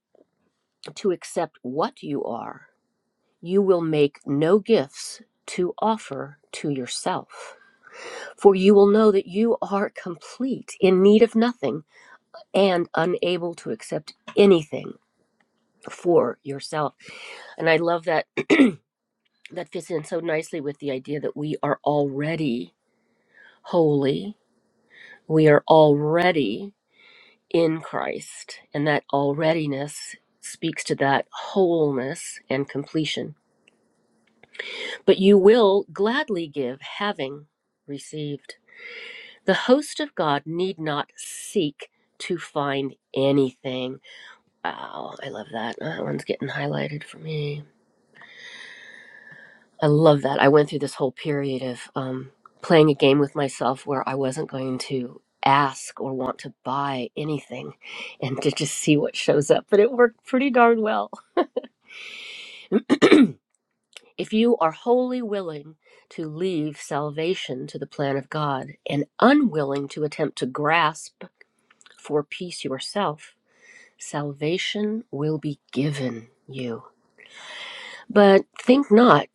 Speaker 1: to accept what you are, you will make no gifts to offer to yourself, for you will know that you are complete, in need of nothing, and unable to accept anything for yourself. And I love that *clears throat* that fits in so nicely with the idea that we are already holy. We are already in Christ. And that alreadiness speaks to that wholeness and completion. But you will gladly give, having received. The host of God need not seek to find anything. Wow, I love that. Ah, That one's getting highlighted for me. I love that. I went through this whole period of um, playing a game with myself where I wasn't going to ask or want to buy anything and to just see what shows up. But it worked pretty darn well. *clears throat* If you are wholly willing to leave salvation to the plan of God and unwilling to attempt to grasp for peace yourself, salvation will be given you. But think not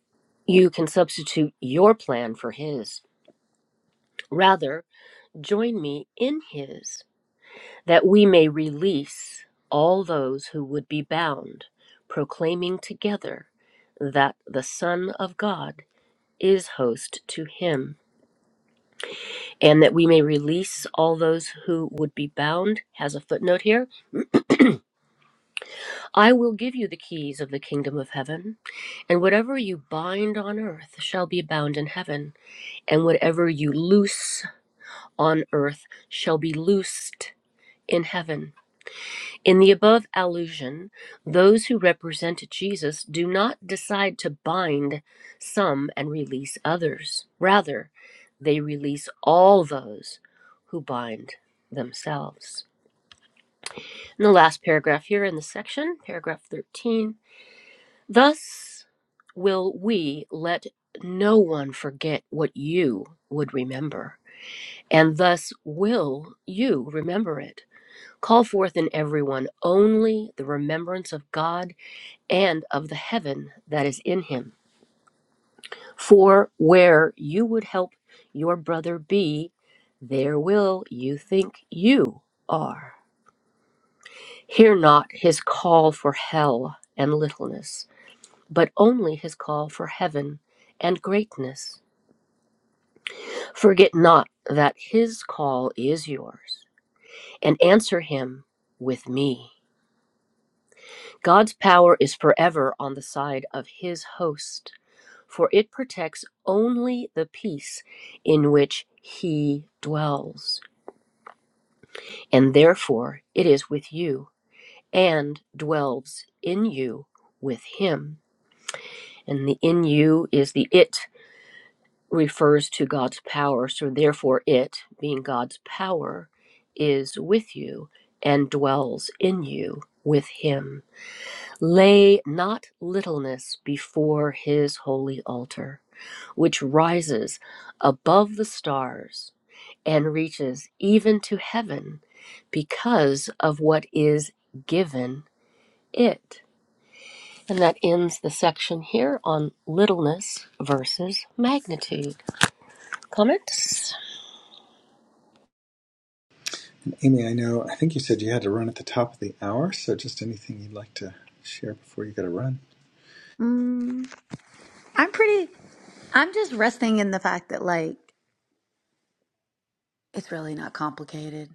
Speaker 1: you can substitute your plan for His. Rather, join me in His, that we may release all those who would be bound, proclaiming together that the Son of God is host to Him and that we may release all those who would be bound, has a footnote here. I will give you the keys of the kingdom of heaven, and whatever you bind on earth shall be bound in heaven, and whatever you loose on earth shall be loosed in heaven. In the above allusion, those who represent Jesus do not decide to bind some and release others. Rather, they release all those who bind themselves. In the last paragraph here in the section, paragraph 13, thus will we let no one forget what you would remember, and thus will you remember it. Call forth in everyone only the remembrance of God and of the heaven that is in him. For where you would help your brother be, there will you think you are. Hear not his call for hell and littleness but only his call for heaven and greatness. Forget not that his call is yours, and answer him with me. God's power is forever on the side of his host, for it protects only the peace in which he dwells. And therefore it is with you, and dwells in you with him. And the in you is the it refers to God's power. So, therefore, it, being God's power, is with you and dwells in you with Him. Lay not littleness before His holy altar, which rises above the stars and reaches even to heaven because of what is given it. And that ends the section here on littleness versus magnitude. Comments?
Speaker 3: Amy, I know I think you said you had to run at the top of the hour, so just anything you'd like to share before you got to run.
Speaker 2: Mm, I'm pretty I'm just resting in the fact that like it's really not complicated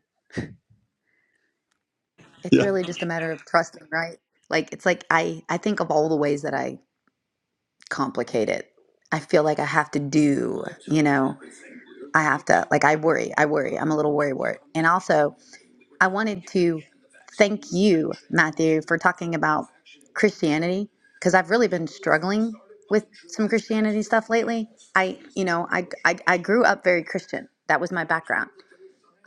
Speaker 2: It's
Speaker 3: Yeah.
Speaker 2: really just a matter of trusting, right? Like it's like I I think of all the ways that I complicate it. I feel like I have to do, you know, I have to like I worry, I worry. I'm a little worry wart. And also, I wanted to thank you, Matthew, for talking about Christianity because I've really been struggling with some Christianity stuff lately. I, you know, I I I grew up very Christian. That was my background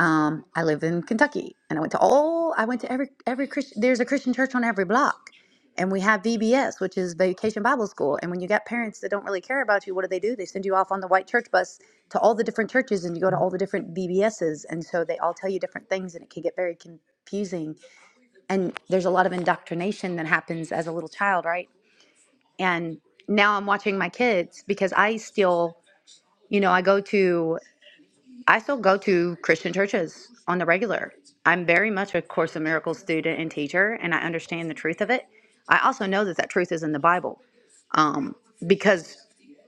Speaker 2: um, I live in Kentucky, and I went to all. I went to every every Christian. There's a Christian church on every block, and we have VBS, which is Vacation Bible School. And when you got parents that don't really care about you, what do they do? They send you off on the white church bus to all the different churches, and you go to all the different VBSs, and so they all tell you different things, and it can get very confusing. And there's a lot of indoctrination that happens as a little child, right? And now I'm watching my kids because I still, you know, I go to. I still go to Christian churches on the regular. I'm very much a Course in Miracles student and teacher, and I understand the truth of it. I also know that that truth is in the Bible um, because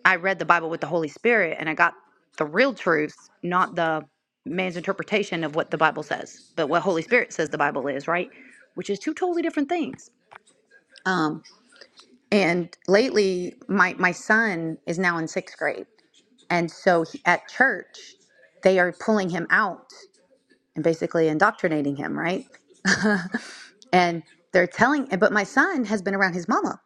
Speaker 2: I read the Bible with the Holy Spirit and I got the real truth, not the man's interpretation of what the Bible says, but what Holy Spirit says the Bible is, right? Which is two totally different things. Um, and lately, my, my son is now in sixth grade. And so he, at church, they are pulling him out and basically indoctrinating him, right? And they're telling, but my son has been around his mama.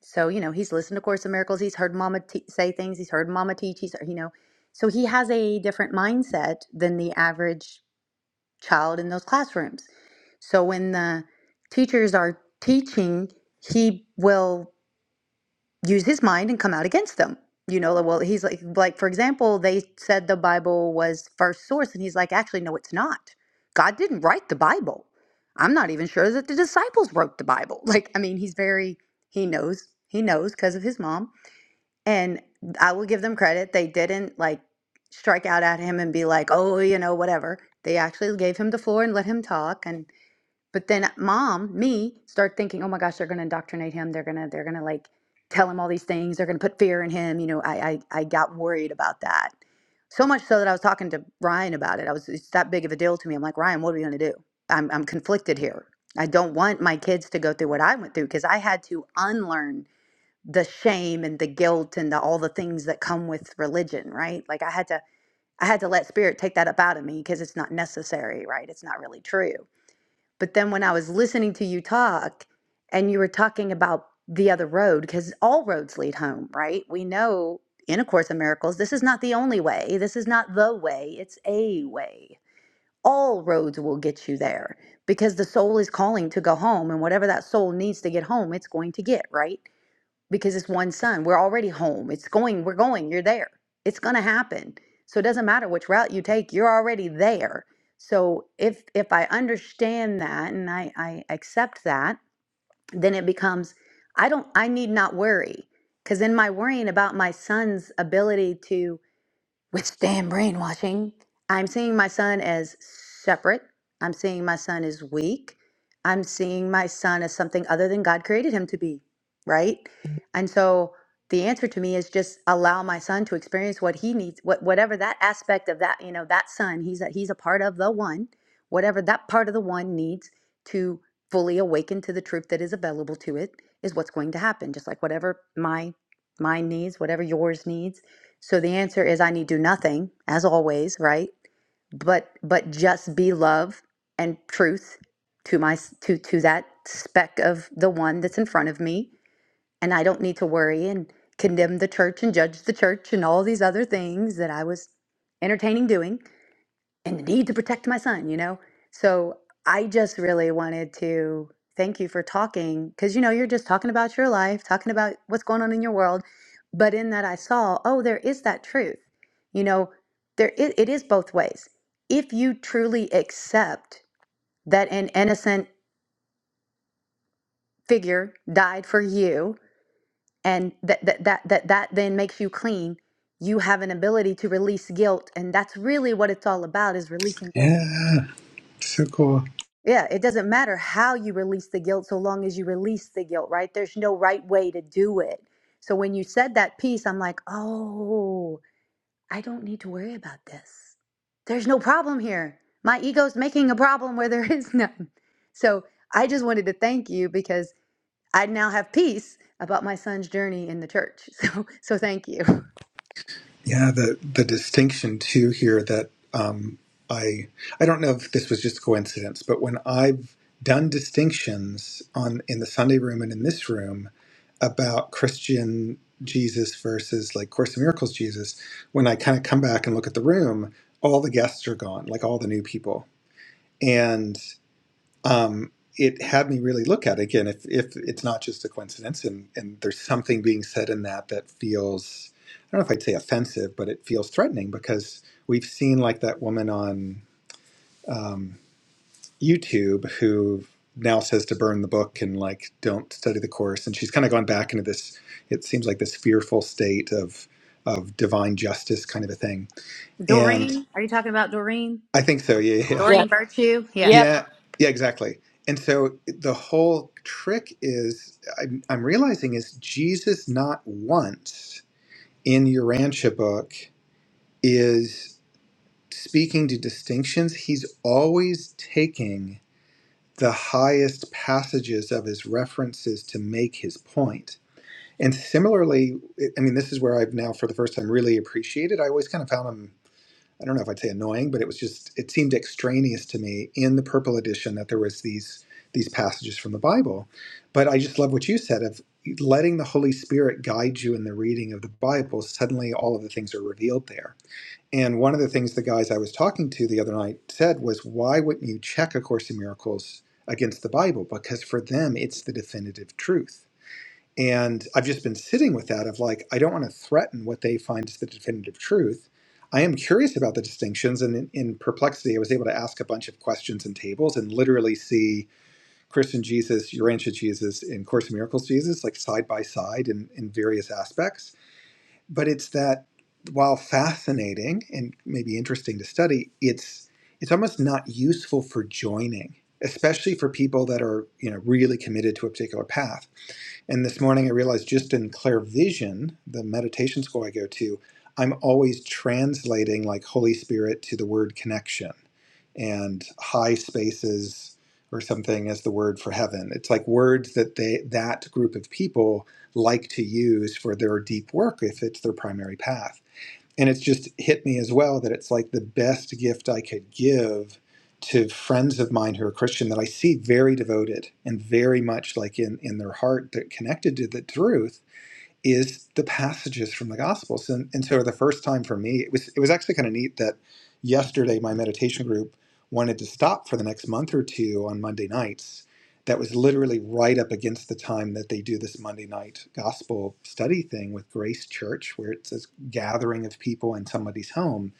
Speaker 2: So, you know, he's listened to Course in Miracles. He's heard mama te- say things. He's heard mama teach. He's, you know, so he has a different mindset than the average child in those classrooms. So when the teachers are teaching, he will use his mind and come out against them. You know, like, well, he's like, like for example, they said the Bible was first source, and he's like, actually, no, it's not. God didn't write the Bible. I'm not even sure that the disciples wrote the Bible. *laughs* Like, I mean, he's very, he knows, he knows because of his mom. And I will give them credit; they didn't like strike out at him and be like, oh, you know, whatever. They actually gave him the floor and let him talk, and but then mom, me, start thinking, oh my gosh, they're gonna indoctrinate him. They're gonna they're gonna like tell him all these things. They're gonna put fear in him. You know, I I, I got worried about that. So much so that I was talking to Ryan about it. I was it's that big of a deal to me. I'm like, Ryan, what are we gonna do? I'm I'm conflicted here. I don't want my kids to go through what I went through because I had to unlearn the shame and the guilt and the, all the things that come with religion, right? Like I had to I had to let spirit take that up out of me because it's not necessary, right? It's not really true. But then when I was listening to you talk and you were talking about the other road, because all roads lead home, right? We know in A Course in Miracles, this is not the only way. This is not the way, it's a way. All roads will get you there because the soul is calling to go home. And whatever that soul needs to get home, it's going to get, right? because it's one son. We're already home. It's going, we're going, you're there. It's gonna happen. So it doesn't matter which route you take, you're already there. So if if I understand that and I, I accept that, then it becomes I don't I need not worry. Cause in my worrying about my son's ability to withstand brainwashing. I'm seeing my son as separate. I'm seeing my son as weak. I'm seeing my son as something other than God created him to be, right? And so the answer to me is just allow my son to experience what he needs, what whatever that aspect of that, you know, that son, he's a, he's a part of the one, whatever that part of the one needs to fully awaken to the truth that is available to it is what's going to happen. Just like whatever my mine needs, whatever yours needs, so the answer is I need do nothing, as always, right? But but just be love and truth to my to to that speck of the one that's in front of me, and I don't need to worry and condemn the church and judge the church and all these other things that I was entertaining doing and the need to protect my son, you know? So I just really wanted to thank you for talking because, you know, you're just talking about your life, talking about what's going on in your world. But in that, I saw, oh, there is that truth. You know, there it, it is both ways. If you truly accept that an innocent figure died for you and that that, that, that, that then makes you clean, you have an ability to release guilt. And that's really what it's all about is releasing guilt
Speaker 3: Yeah. So cool.
Speaker 2: Yeah, it doesn't matter how you release the guilt so long as you release the guilt, right? There's no right way to do it. So when you said that piece, I'm like, oh, I don't need to worry about this. There's no problem here. My ego's making a problem where there *laughs* is none. So I just wanted to thank you because I now have peace about my son's journey in the church. *laughs* So so thank you.
Speaker 3: Yeah, the the distinction too here that um, I I don't know if this was just coincidence, but when I've done distinctions on in the Sunday room and in this room about Christian Jesus versus like Course in Miracles Jesus, when I kind of come back and look at the room, all the guests are gone, like all the new people, um, it had me really look at it again if, if it's not just a coincidence and, and there's something being said in that that feels i don't know if i'd say offensive but it feels threatening because we've seen like that woman on um, youtube who now says to burn the book and like don't study the course and she's kind of gone back into this it seems like this fearful state of of divine justice kind of a thing and
Speaker 2: Doreen, are you talking about Doreen?
Speaker 3: i think so yeah yeah
Speaker 1: Yeah.
Speaker 2: Doreen Virtue? Yeah.
Speaker 1: Yep.
Speaker 3: Yeah, yeah, exactly. And so the whole trick is, I'm, I'm realizing, is Jesus not once in your Urantia book is speaking to distinctions. He's always taking the highest passages of his references to make his point. And similarly, I mean, this is where I've now, for the first time, really appreciated. I always kind of found him. I don't know if I'd say annoying, but it was just it seemed extraneous to me in the purple edition that there was these these passages from the Bible. But I just love what you said of letting the Holy Spirit guide you in the reading of the Bible. Suddenly, all of the things are revealed there. And one of the things the guys I was talking to the other night said was, "Why wouldn't you check A Course in Miracles against the Bible? Because for them, it's the definitive truth." And I've just been sitting with that of like, I don't want to threaten what they find is the definitive truth. I am curious about the distinctions. And in, in perplexity, I was able to ask a bunch of questions and tables and literally see Christian Jesus, Urantia Jesus, and Course in Miracles Jesus, like side by side in, in various aspects. But it's that while fascinating and maybe interesting to study, it's it's almost not useful for joining, especially for people that are, you know, really committed to a particular path and this morning I realized just in Clear Vision, the meditation school I go to, I'm always translating like Holy Spirit to the word connection and high spaces or something as the word for heaven. It's like words that they that group of people like to use for their deep work if it's their primary path and it's just hit me as well that it's like the best gift I could give to friends of mine who are Christian that I see very devoted and very much like in in their heart that connected to the truth is the passages from the Gospels. And, and so the first time for me, it was it was actually kind of neat that yesterday my meditation group wanted to stop for the next month or two on Monday nights. That was literally right up against the time that they do this Monday night gospel study thing with Grace Church, where it's this gathering of people in somebody's home.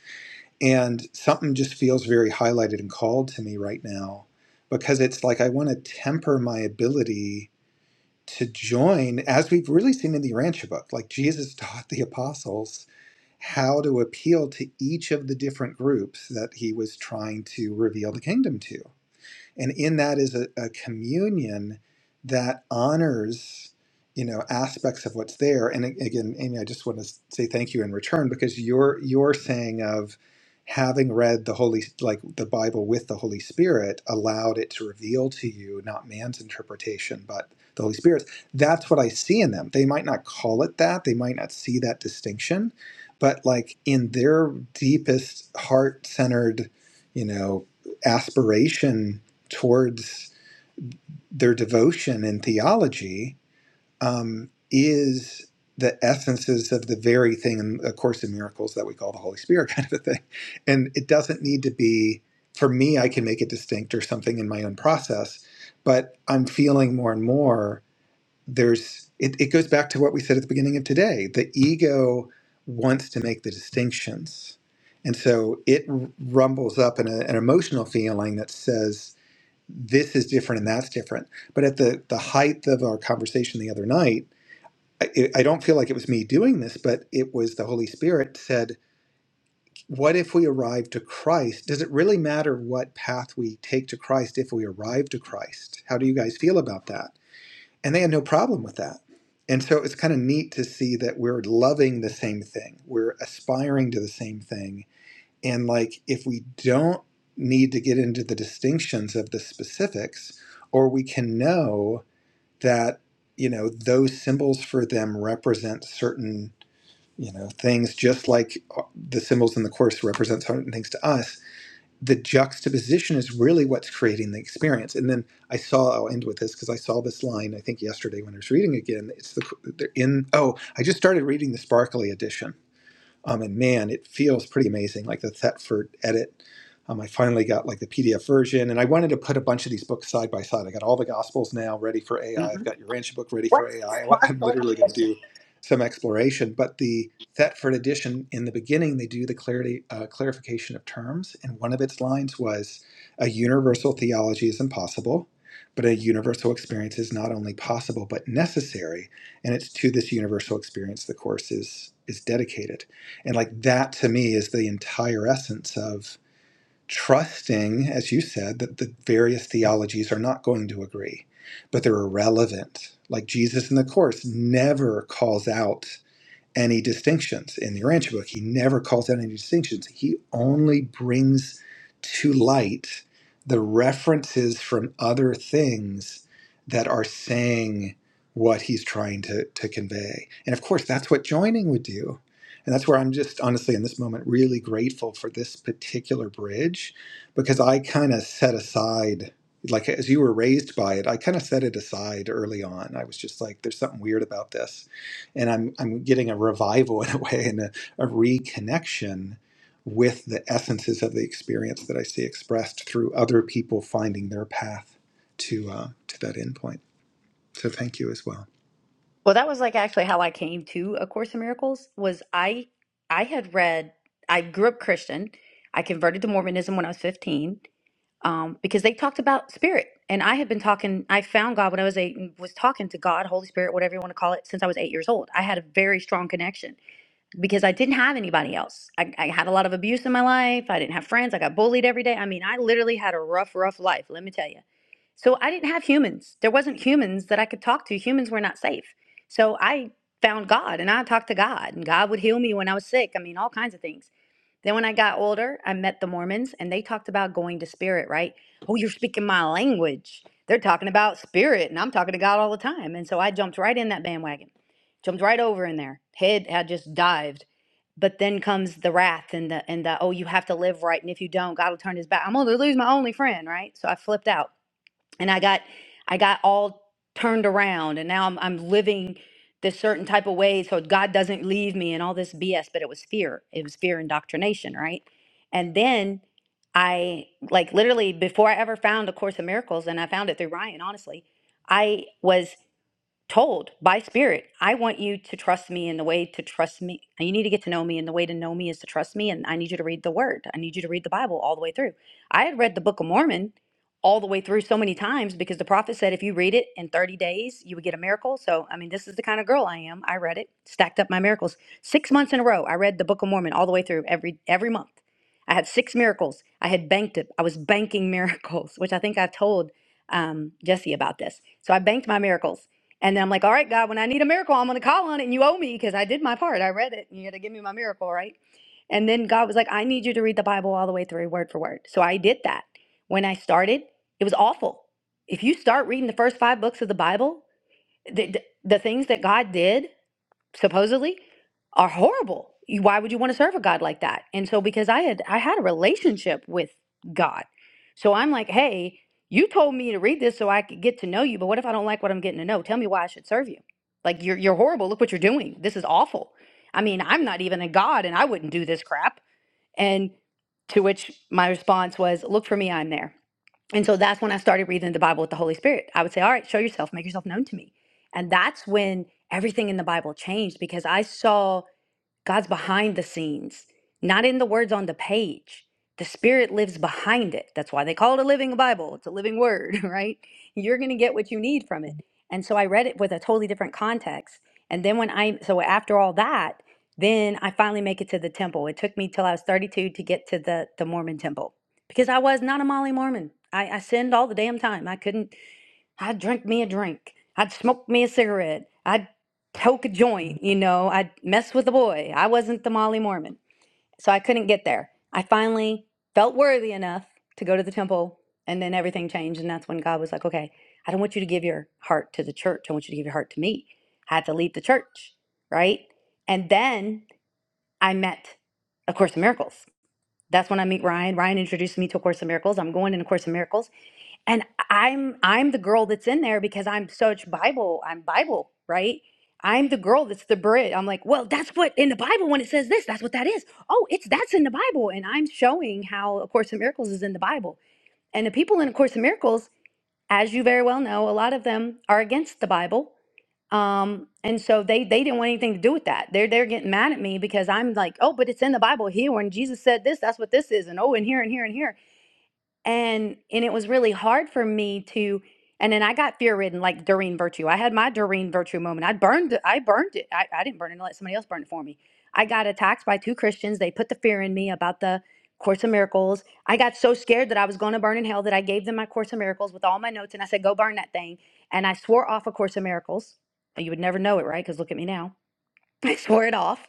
Speaker 3: And something just feels very highlighted and called to me right now because it's like I want to temper my ability to join, as we've really seen in the Urantia book, like Jesus *laughs* taught the apostles how to appeal to each of the different groups that he was trying to reveal the kingdom to and in that is a, a communion that honors you know aspects of what's there and a- again amy i just want to say thank you in return because your your saying of having read the holy like the bible with the holy spirit allowed it to reveal to you not man's interpretation but the holy spirit's that's what i see in them they might not call it that they might not see that distinction but like in their deepest heart centered you know aspiration towards their devotion and theology um, is the essences of the very thing in A Course in Miracles that we call the Holy Spirit, *laughs* kind of a thing. And it doesn't need to be, for me, I can make it distinct or something in my own process, but I'm feeling more and more there's, it, it goes back to what we said at the beginning of today. The ego wants to make the distinctions. And so it rumbles up in a, an emotional feeling that says, this is different and that's different. But at the the height of our conversation the other night, I, I don't feel like it was me doing this, but it was the Holy Spirit said, "What if we arrive to Christ? Does it really matter what path we take to Christ if we arrive to Christ? How do you guys feel about that?" And they had no problem with that. And so it's kind of neat to see that we're loving the same thing, we're aspiring to the same thing, and like, if we don't need to get into the distinctions of the specifics, or we can know that, you know, those symbols for them represent certain, you know, things just like uh, the symbols in the course represent certain things to us. The juxtaposition is really what's creating the experience. And then I saw, I'll end with this because I saw this line, I think yesterday when I was reading again. It's the, they're in, oh, I just started reading the Sparkly edition um, and man, it feels pretty amazing, like the Thetford edit. Um, I finally got like the PDF version, and I wanted to put a bunch of these books side by side. I got all the Gospels now ready for AI. I've got your Urantia book ready for
Speaker 2: What?
Speaker 3: AI. I- am literally going to do some exploration, but the Thetford edition in the beginning they do the clarity uh, clarification of terms, and one of its lines was, "A universal theology is impossible, but a universal experience is not only possible but necessary, and it's to this universal experience the course is is dedicated." And like that to me is the entire essence of trusting, as you said, that the various theologies are not going to agree, but they're irrelevant. Like Jesus in the Course never calls out any distinctions in the Urantia book. He never calls out any distinctions. He only brings to light the references from other things that are saying what he's trying to, to convey. And of course, that's what joining would do. And that's where I'm just honestly in this moment really grateful for this particular bridge because I kind of set aside, like as you were raised by it, I kind of set it aside early on. I was just like, there's something weird about this and I'm I'm getting a revival in a way and a, a reconnection with the essences of the experience that I see expressed through other people finding their path to uh, to that endpoint. So thank you as well.
Speaker 2: Well, that was like actually how I came to A Course in Miracles was I I had read I grew up Christian. I converted to Mormonism when I was 15 um, because they talked about spirit, and I had been talking. I found God when I was eight and was talking to God, Holy Spirit, whatever you want to call it, since I was eight years old. I had a very strong connection because I didn't have anybody else. I, I had a lot of abuse in my life. I didn't have friends. I got bullied every day. I mean, I literally had a rough, rough life, let me tell you. So I didn't have humans. There wasn't humans that I could talk to. Humans were not safe. So I found God and I talked to God, and God would heal me when I was sick. I mean, all kinds of things. Then when I got older, I met the Mormons and they talked about going to spirit, right? Oh, you're speaking my language. They're talking about spirit, and I'm talking to God all the time. And so I jumped right in that bandwagon jumped right over in there. Head had just dived but then comes the wrath and the and the oh you have to live right and if you don't god will turn his back i'm gonna lose my only friend right so i flipped out and i got i got all turned around and now i'm, I'm living this certain type of way so god doesn't leave me and all this bs but it was fear it was fear indoctrination right and then i like literally before i ever found a course of miracles and i found it through ryan honestly i was told by spirit i want you to trust me in the way to trust me you need to get to know me and the way to know me is to trust me and i need you to read the word i need you to read the bible all the way through i had read the book of mormon all the way through so many times because the prophet said if you read it in 30 days you would get a miracle so i mean this is the kind of girl i am i read it stacked up my miracles six months in a row i read the book of mormon all the way through every every month i had six miracles i had banked it i was banking *laughs* miracles which i think i told um, jesse about this so i banked my miracles and then I'm like, all right, God, when I need a miracle, I'm going to call on it and you owe me because I did my part. I read it and you got to give me my miracle, right? And then God was like, I need you to read the Bible all the way through, word for word. So I did that. When I started, it was awful. If you start reading the first five books of the Bible, the, the, the things that God did, supposedly are horrible. You- Why would you want to serve a God like that? And so because I had I had a relationship with God. So I'm like, hey, you told me to read this so I could get to know you, but what if I don't like what I'm getting to know? Tell me why I should serve you. Like you're you're horrible. Look what you're doing. This is awful. I mean, I'm not even a God and I wouldn't do this crap. And to which my response was, look for me, I'm there. And so that's when I started reading the Bible with the Holy Spirit. I would say, All right, show yourself, make yourself known to me. And that's when everything in the Bible changed because I saw God's behind the scenes, not in the words on the page. The Spirit lives behind it. That's why they call it a living Bible. It's a living word, *laughs* right? You're going to get what you need from it. And so I read it with a totally different context. And then when I, so after all that, then I finally make it to the temple. It took me till I was 32 to get to the, the Mormon temple because I was not a Molly Mormon. I, I sinned all the damn time. I couldn't, I'd drink me a drink. I'd smoke me a cigarette. I'd poke a joint, you know. I'd mess with a boy. I wasn't the Molly Mormon. So I couldn't get there. I finally felt worthy enough to go to the temple, and then everything changed. And that's when God was like, okay, I don't want you to give your heart to the church. I want you to give your heart to me. I had to leave the church, right? And then I met A Course in Miracles. That's when I meet Ryan. Ryan introduced me to A Course in Miracles. I'm going in A Course in Miracles and i'm i'm the girl that's in there because i'm such bible i'm bible right i'm the girl that's the bridge i'm like well that's what in the bible when it says this that's what that is oh it's that's in the bible and i'm showing how a course in miracles is in the bible and the people in a course in miracles as you very well know a lot of them are against the bible um and so they they didn't want anything to do with that they're they're getting mad at me because i'm like oh but it's in the bible here when jesus said this that's what this is and oh and here and here and here and and it was really hard for me to and then I got fear ridden like Doreen Virtue. I had my Doreen Virtue moment. I burned it. I burned it. I, I didn't burn it and let somebody else burn it for me. I got attacked by two Christians. They put the fear in me about the Course of Miracles. I got so scared that I was going to burn in hell that I gave them my Course of Miracles with all my notes and I said, go burn that thing. And I swore off a Course of Miracles. You would never know it, right? Because look at me now. *laughs* I swore it off.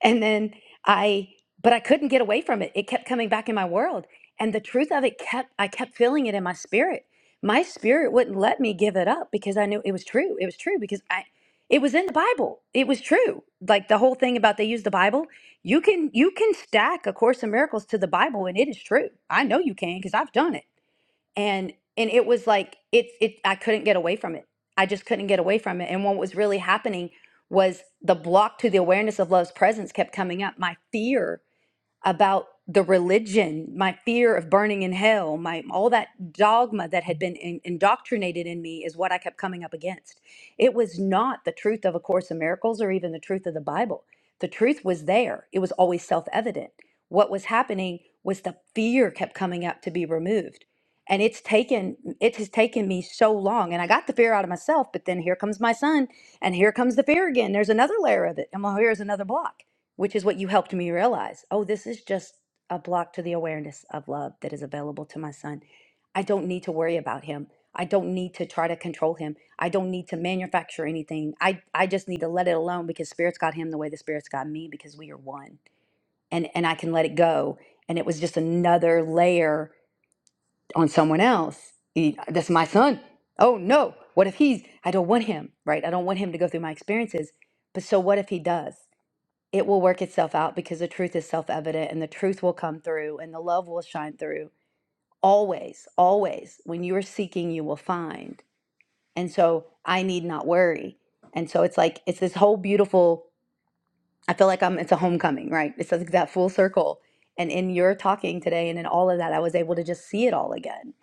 Speaker 2: And then I, but I couldn't get away from it. It kept coming back in my world. And the truth of it kept, I kept feeling it in my spirit. My spirit wouldn't let me give it up because I knew it was true. It was true because I, it was in the Bible. It was true. Like the whole thing about they use the Bible. You can, you can stack A Course in Miracles to the Bible and it is true. I know you can because I've done it and and it was like it it I couldn't get away from it. I just couldn't get away from it. And what was really happening was the block to the awareness of love's presence kept coming up. My fear about the religion, my fear of burning in hell, my all that dogma that had been in, indoctrinated in me is what I kept coming up against. It was not the truth of A Course in Miracles or even the truth of the Bible. The truth was there. It was always self-evident. What was happening was the fear kept coming up to be removed. And it's taken it has taken me so long. And I got the fear out of myself, but then here comes my son, and here comes the fear again. There's another layer of it. And well, here's another block which is what you helped me realize. Oh, this is just a block to the awareness of love that is available to my son. I don't need to worry about him. I don't need to try to control him. I don't need to manufacture anything. I, I just need to let it alone because spirits got him the way the spirits got me because we are one. And and I can let it go. And it was just another layer on someone else. E- That's my son. Oh no. What if he's I don't want him, right? I don't want him to go through my experiences. But so what if he does? it will work itself out because the truth is self evident and the truth will come through and the love will shine through. Always, always, when you are seeking, you will find. And so I need not worry. And so it's like, it's this whole beautiful, I feel like I'm, it's a homecoming, right? It's like that full circle. And in your talking today and in all of that, I was able to just see it all again.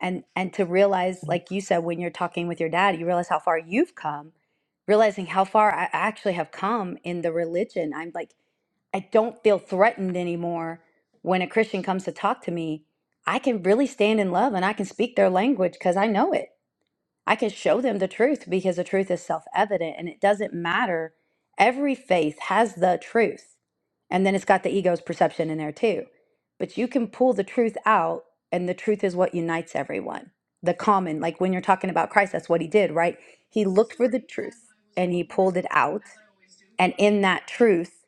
Speaker 2: And, and to realize, like you said, when you're talking with your dad, you realize how far you've come realizing how far I actually have come in the religion. I'm like, I don't feel threatened anymore when a Christian comes to talk to me. I can really stand in love and I can speak their language because I know it. I can show them the truth because the truth is self evident and it doesn't matter. Every faith has the truth. And then it's got the ego's perception in there too. But you can pull the truth out, and the truth is what unites everyone. The common, like when you're talking about Christ, that's what he did, right? He looked for the truth and he pulled it out and in that truth,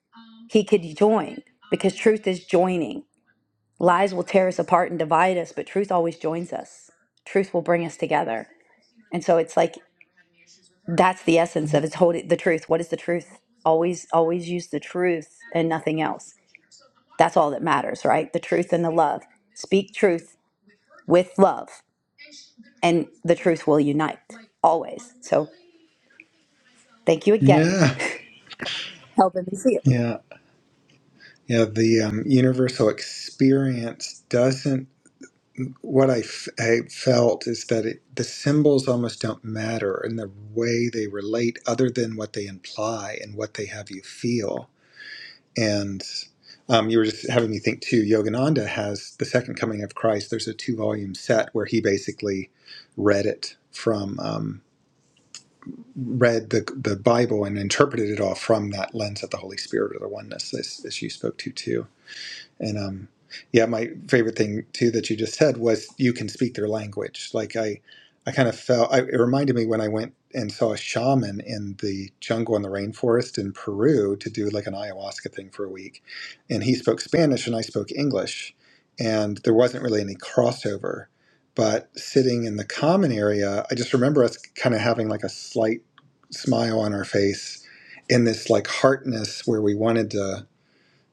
Speaker 2: he could join because truth is joining. Lies will tear us apart and divide us, but truth always joins us. Truth will bring us together. And so it's like that's the essence of it's holding the truth. What is the truth? Always, always use the truth and nothing else. That's all that matters, right? The truth and the love. Speak truth with love, and the truth will unite always. So thank you again,
Speaker 3: Yeah,
Speaker 2: *laughs* helping me see it.
Speaker 3: yeah, yeah. The um, universal experience doesn't what I, f- I felt is that it, the symbols almost don't matter in the way they relate, other than what they imply and what they have you feel. And um, you were just having me think too. Yogananda has the Second Coming of Christ. There's a two-volume set where he basically read it from um, read the the Bible and interpreted it all from that lens of the Holy Spirit or the oneness, as, as you spoke to too. And um, yeah, my favorite thing too that you just said was you can speak their language. Like I, I kind of felt I, it reminded me when I went and saw a shaman in the jungle in the rainforest in Peru to do like an ayahuasca thing for a week, and he spoke Spanish and I spoke English, and there wasn't really any crossover. But sitting in the common area, I just remember us kind of having like a slight smile on our face in this like heartness where we wanted to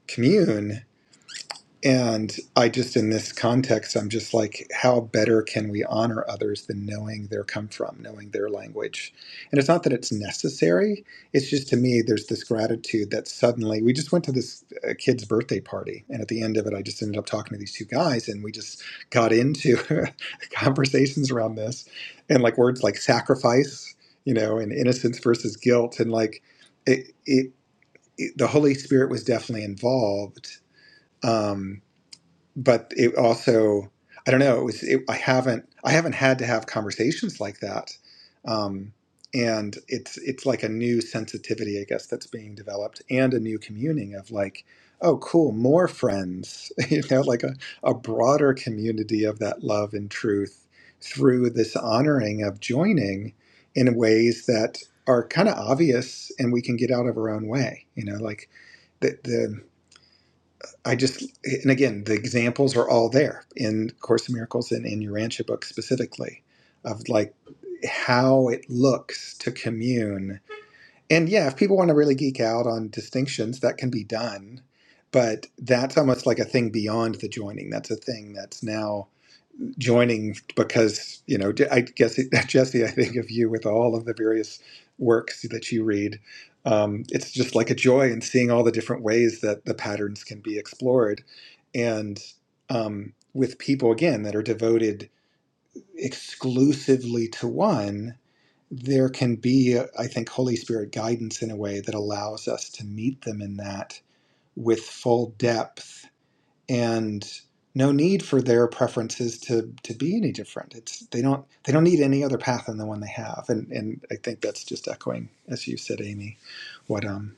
Speaker 3: commune and I just, in this context, I'm just like, how better can we honor others than knowing their come from, knowing their language? And it's not that it's necessary. It's just to me, there's this gratitude that suddenly we just went to this uh, kid's birthday party. And at the end of it, I just ended up talking to these two guys and we just got into *laughs* conversations around this and like words like sacrifice, you know, and innocence versus guilt. And like it, it, it the Holy Spirit was definitely involved. Um, but it also i don't know it was it, i haven't i haven't had to have conversations like that um, and it's it's like a new sensitivity i guess that's being developed and a new communing of like oh cool more friends *laughs* you know like a, a broader community of that love and truth through this honoring of joining in ways that are kind of obvious and we can get out of our own way you know like the, the I just, and again, the examples are all there in Course in Miracles and in your Rancha book specifically of like how it looks to commune. And yeah, if people want to really geek out on distinctions, that can be done. But that's almost like a thing beyond the joining. That's a thing that's now joining because you know i guess *laughs* jesse i think of you with all of the various works that you read um, it's just like a joy in seeing all the different ways that the patterns can be explored and um, with people again that are devoted exclusively to one there can be i think holy spirit guidance in a way that allows us to meet them in that with full depth and no need for their preferences to to be any different. It's they don't they don't need any other path than the one they have, and and I think that's just echoing, as you said, Amy, what um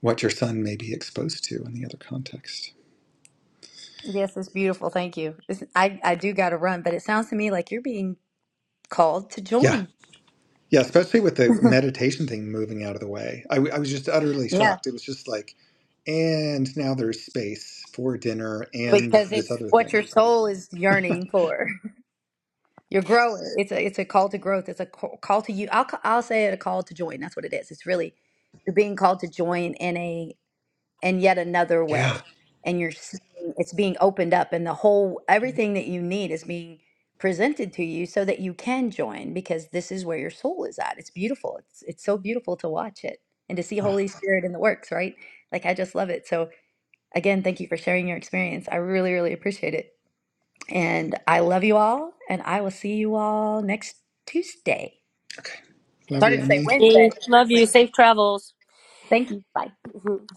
Speaker 3: what your son may be exposed to in the other context.
Speaker 2: Yes, it's beautiful. Thank you. It's, I, I do got to run, but it sounds to me like you're being called to
Speaker 3: Yeah,
Speaker 2: join.
Speaker 3: yeah, especially with the meditation thing moving out of the way. I, w- I was just utterly
Speaker 2: Yeah,
Speaker 3: shocked. It was just like, and now there's space for dinner and
Speaker 2: because it's
Speaker 3: this other
Speaker 2: what
Speaker 3: thing.
Speaker 2: your soul is yearning for. *laughs* You're growing. It's a it's a call to growth. It's a ca- call to you. I'll ca- I'll say it a call to join. That's what it is. It's really you're being called to join in a in yet another
Speaker 3: Yeah.
Speaker 2: way and you're seeing it's being opened up and the whole everything that you need is being presented to you so that you can join because this is where your soul is at it's beautiful it's it's so beautiful to watch it and to see
Speaker 3: Oh,
Speaker 2: holy spirit in the works right like i just love it so again thank you for sharing your experience i really really appreciate it and i love you all and i will see you all next tuesday
Speaker 3: okay. Love you,
Speaker 2: started to say
Speaker 3: Emily.
Speaker 2: wednesday
Speaker 1: Me.
Speaker 2: and i
Speaker 1: Love
Speaker 2: was
Speaker 1: you.
Speaker 2: like
Speaker 1: Safe travels.
Speaker 2: thank you bye
Speaker 1: Mhm.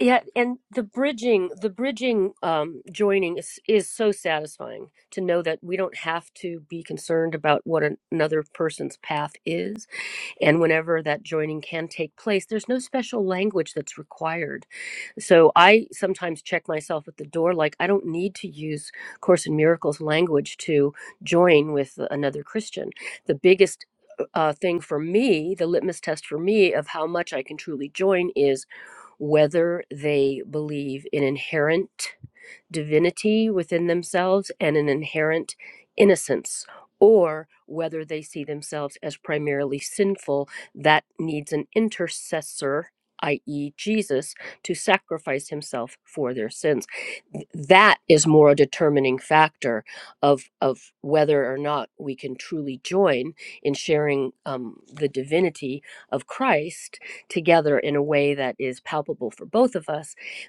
Speaker 1: Yeah, and the bridging, the bridging um, joining is is so satisfying to know that we don't have to be concerned about what an, another person's path is. And whenever that joining can take place, there's no special language that's required. So I sometimes check myself at the door, like I don't need to use Course in Miracles language to join with another Christian. The biggest uh, thing for me, the litmus test for me of how much I can truly join is whether they believe in inherent divinity within themselves and an inherent innocence, or whether they see themselves as primarily sinful that needs an intercessor, i.e., Jesus, to sacrifice himself for their sins. That is more a determining factor of, of whether or not we can truly join in sharing um, the divinity of Christ together in a way that is palpable for both of us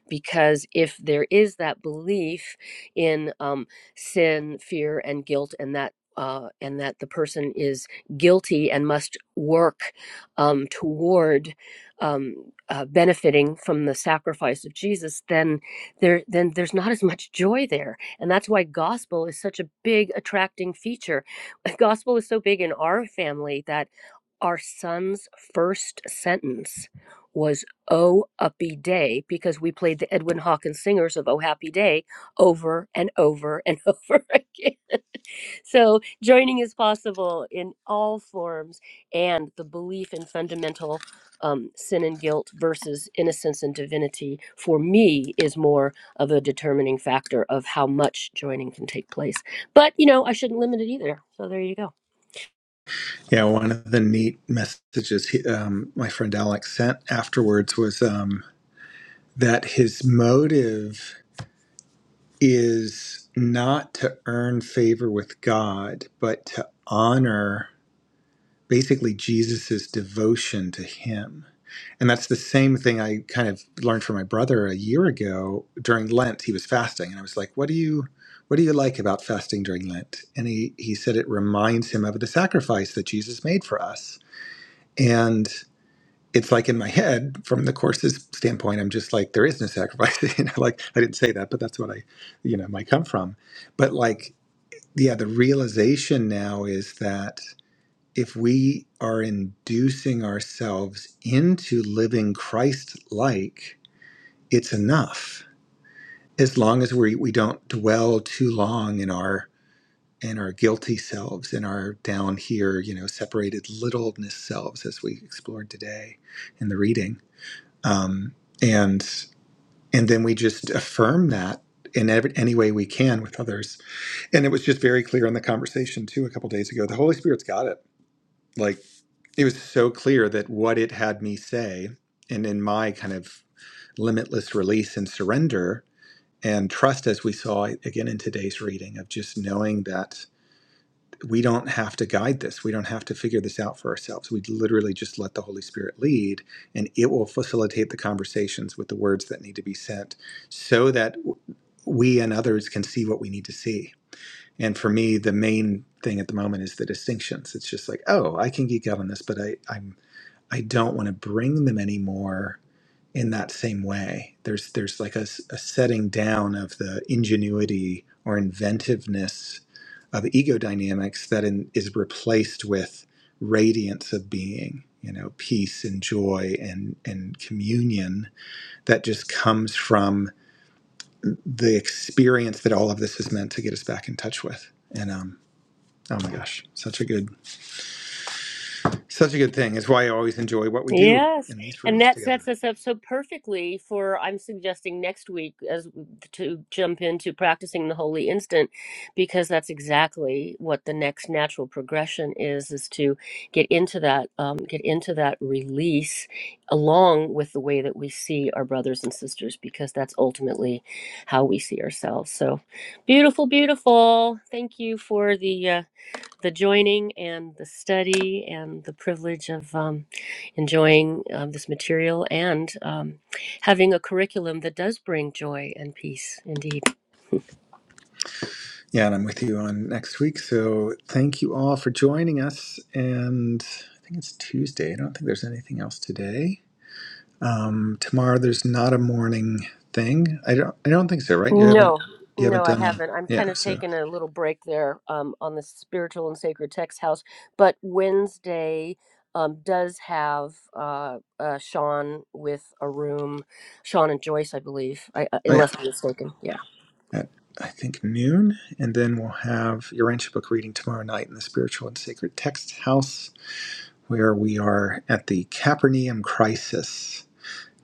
Speaker 1: because if there is that belief in um, sin, fear, and guilt, and that uh, and that the person is guilty and must work um, toward um, uh, benefiting from the sacrifice of Jesus, then there then there's not as much joy there, and that's why gospel is such a big attracting feature. *laughs* Gospel is so big in our family that our son's first sentence. Was Oh Uppy Day because we played the Edwin Hawkins singers of Oh Happy Day over and over and *laughs* over again. So joining is possible in all forms, and the belief in fundamental um, sin and guilt versus innocence and divinity for me is more of a determining factor of how much joining can take place. But you know, I shouldn't limit it either. So there you go.
Speaker 3: Yeah, one of the neat messages he, um, my friend Alex sent afterwards was um, that his motive is not to earn favor with God, but to honor basically Jesus's devotion to him. And that's the same thing I kind of learned from my brother a year ago during Lent. He was fasting, and I was like, "What do you, what do you like about fasting during Lent?" And he he said it reminds him of the sacrifice that Jesus made for us. And it's like in my head from the course's standpoint i'm just like there is no sacrifice *laughs* you know like i didn't say that but that's what i you know might come from but like yeah the realization now is that if we are inducing ourselves into living christ like it's enough as long as we we don't dwell too long in our in our guilty selves in our down here you know separated littleness selves as we explored today in the reading um, and and then we just affirm that in every, any way we can with others. And it was just very clear in the conversation too a couple days ago. The Holy Spirit's got it. Like it was so clear that what it had me say, and in my kind of limitless release and surrender and trust, as we saw again in today's reading, of just knowing that we don't have to guide this. We don't have to figure this out for ourselves. We literally just let the Holy Spirit lead, and it will facilitate the conversations with the words that need to be sent so that we and others can see what we need to see. And for me, the main thing at the moment is the distinctions. It's just like, oh, I can geek out on this, but I, I'm I don't want to bring them anymore in that same way. There's there's like a, s- a setting down of the ingenuity or inventiveness of ego dynamics that in, is replaced with radiance of being. You know, peace and joy and and communion that just comes from the experience that all of this is meant to get us back in touch with. And um, oh my gosh, such a good such a good thing. It's why I always enjoy what we do
Speaker 1: Yes,
Speaker 3: in these
Speaker 1: and
Speaker 3: rooms
Speaker 1: that
Speaker 3: together.
Speaker 1: sets us up so perfectly for I'm suggesting next week as to jump into practicing the holy instant because that's exactly what the next natural progression is is to get into that um, get into that release along with the way that we see our brothers and sisters because that's ultimately how we see ourselves. So beautiful, beautiful. Thank you for the uh, the joining and the study and the privilege of um, enjoying um, this material and um, having a curriculum that does bring joy and peace indeed
Speaker 3: Yeah, and I'm with you on next week. So thank you all for joining us. And I think it's Tuesday. I don't think there's anything else today. Um, tomorrow there's not a morning thing. I don't. I don't think so. Right? You haven't.
Speaker 1: no
Speaker 3: You
Speaker 1: no
Speaker 3: haven't
Speaker 1: i
Speaker 3: done a.
Speaker 1: haven't i'm kind
Speaker 3: Yeah.
Speaker 1: of
Speaker 3: So.
Speaker 1: taking a little break there um, on the spiritual and sacred text house but wednesday um, does have uh, uh, sean with a room sean and joyce i believe I, uh,
Speaker 3: Oh yeah.
Speaker 1: unless i'm mistaken yeah
Speaker 3: At, I think noon, and then we'll have your ancient book reading tomorrow night in the spiritual and sacred text house, where we are at the Capernaum crisis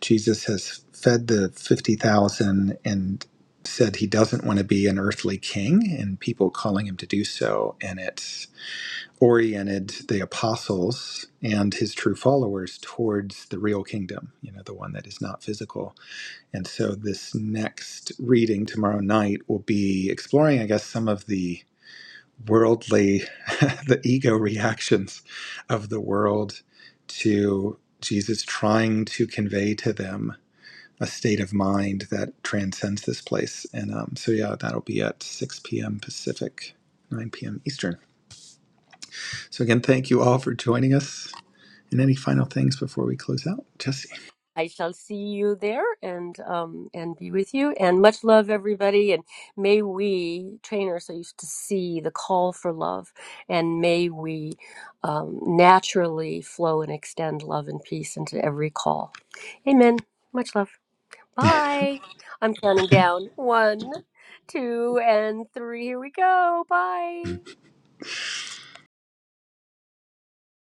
Speaker 3: Jesus has fed the 50,000 and said he doesn't want to be an earthly king, and people calling him to do so. And it's oriented the apostles and his true followers towards the real kingdom, you know, the one that is not physical. And so this next reading tomorrow night will be exploring, I guess, some of the worldly, *laughs* the ego reactions of the world to Jesus trying to convey to them a state of mind that transcends this place. And um, so, yeah, that'll be at 6 p.m. Pacific, 9 p.m. Eastern. So, again, thank you all for joining us. And any final things before we close out? Jesse.
Speaker 1: I shall see you there and um and be with you and much love everybody and may we train ourselves to see the call for love and may we um, naturally flow and extend love and peace into every call. Amen. Much love. Bye. I'm counting down one, two, and three. Here we go. Bye.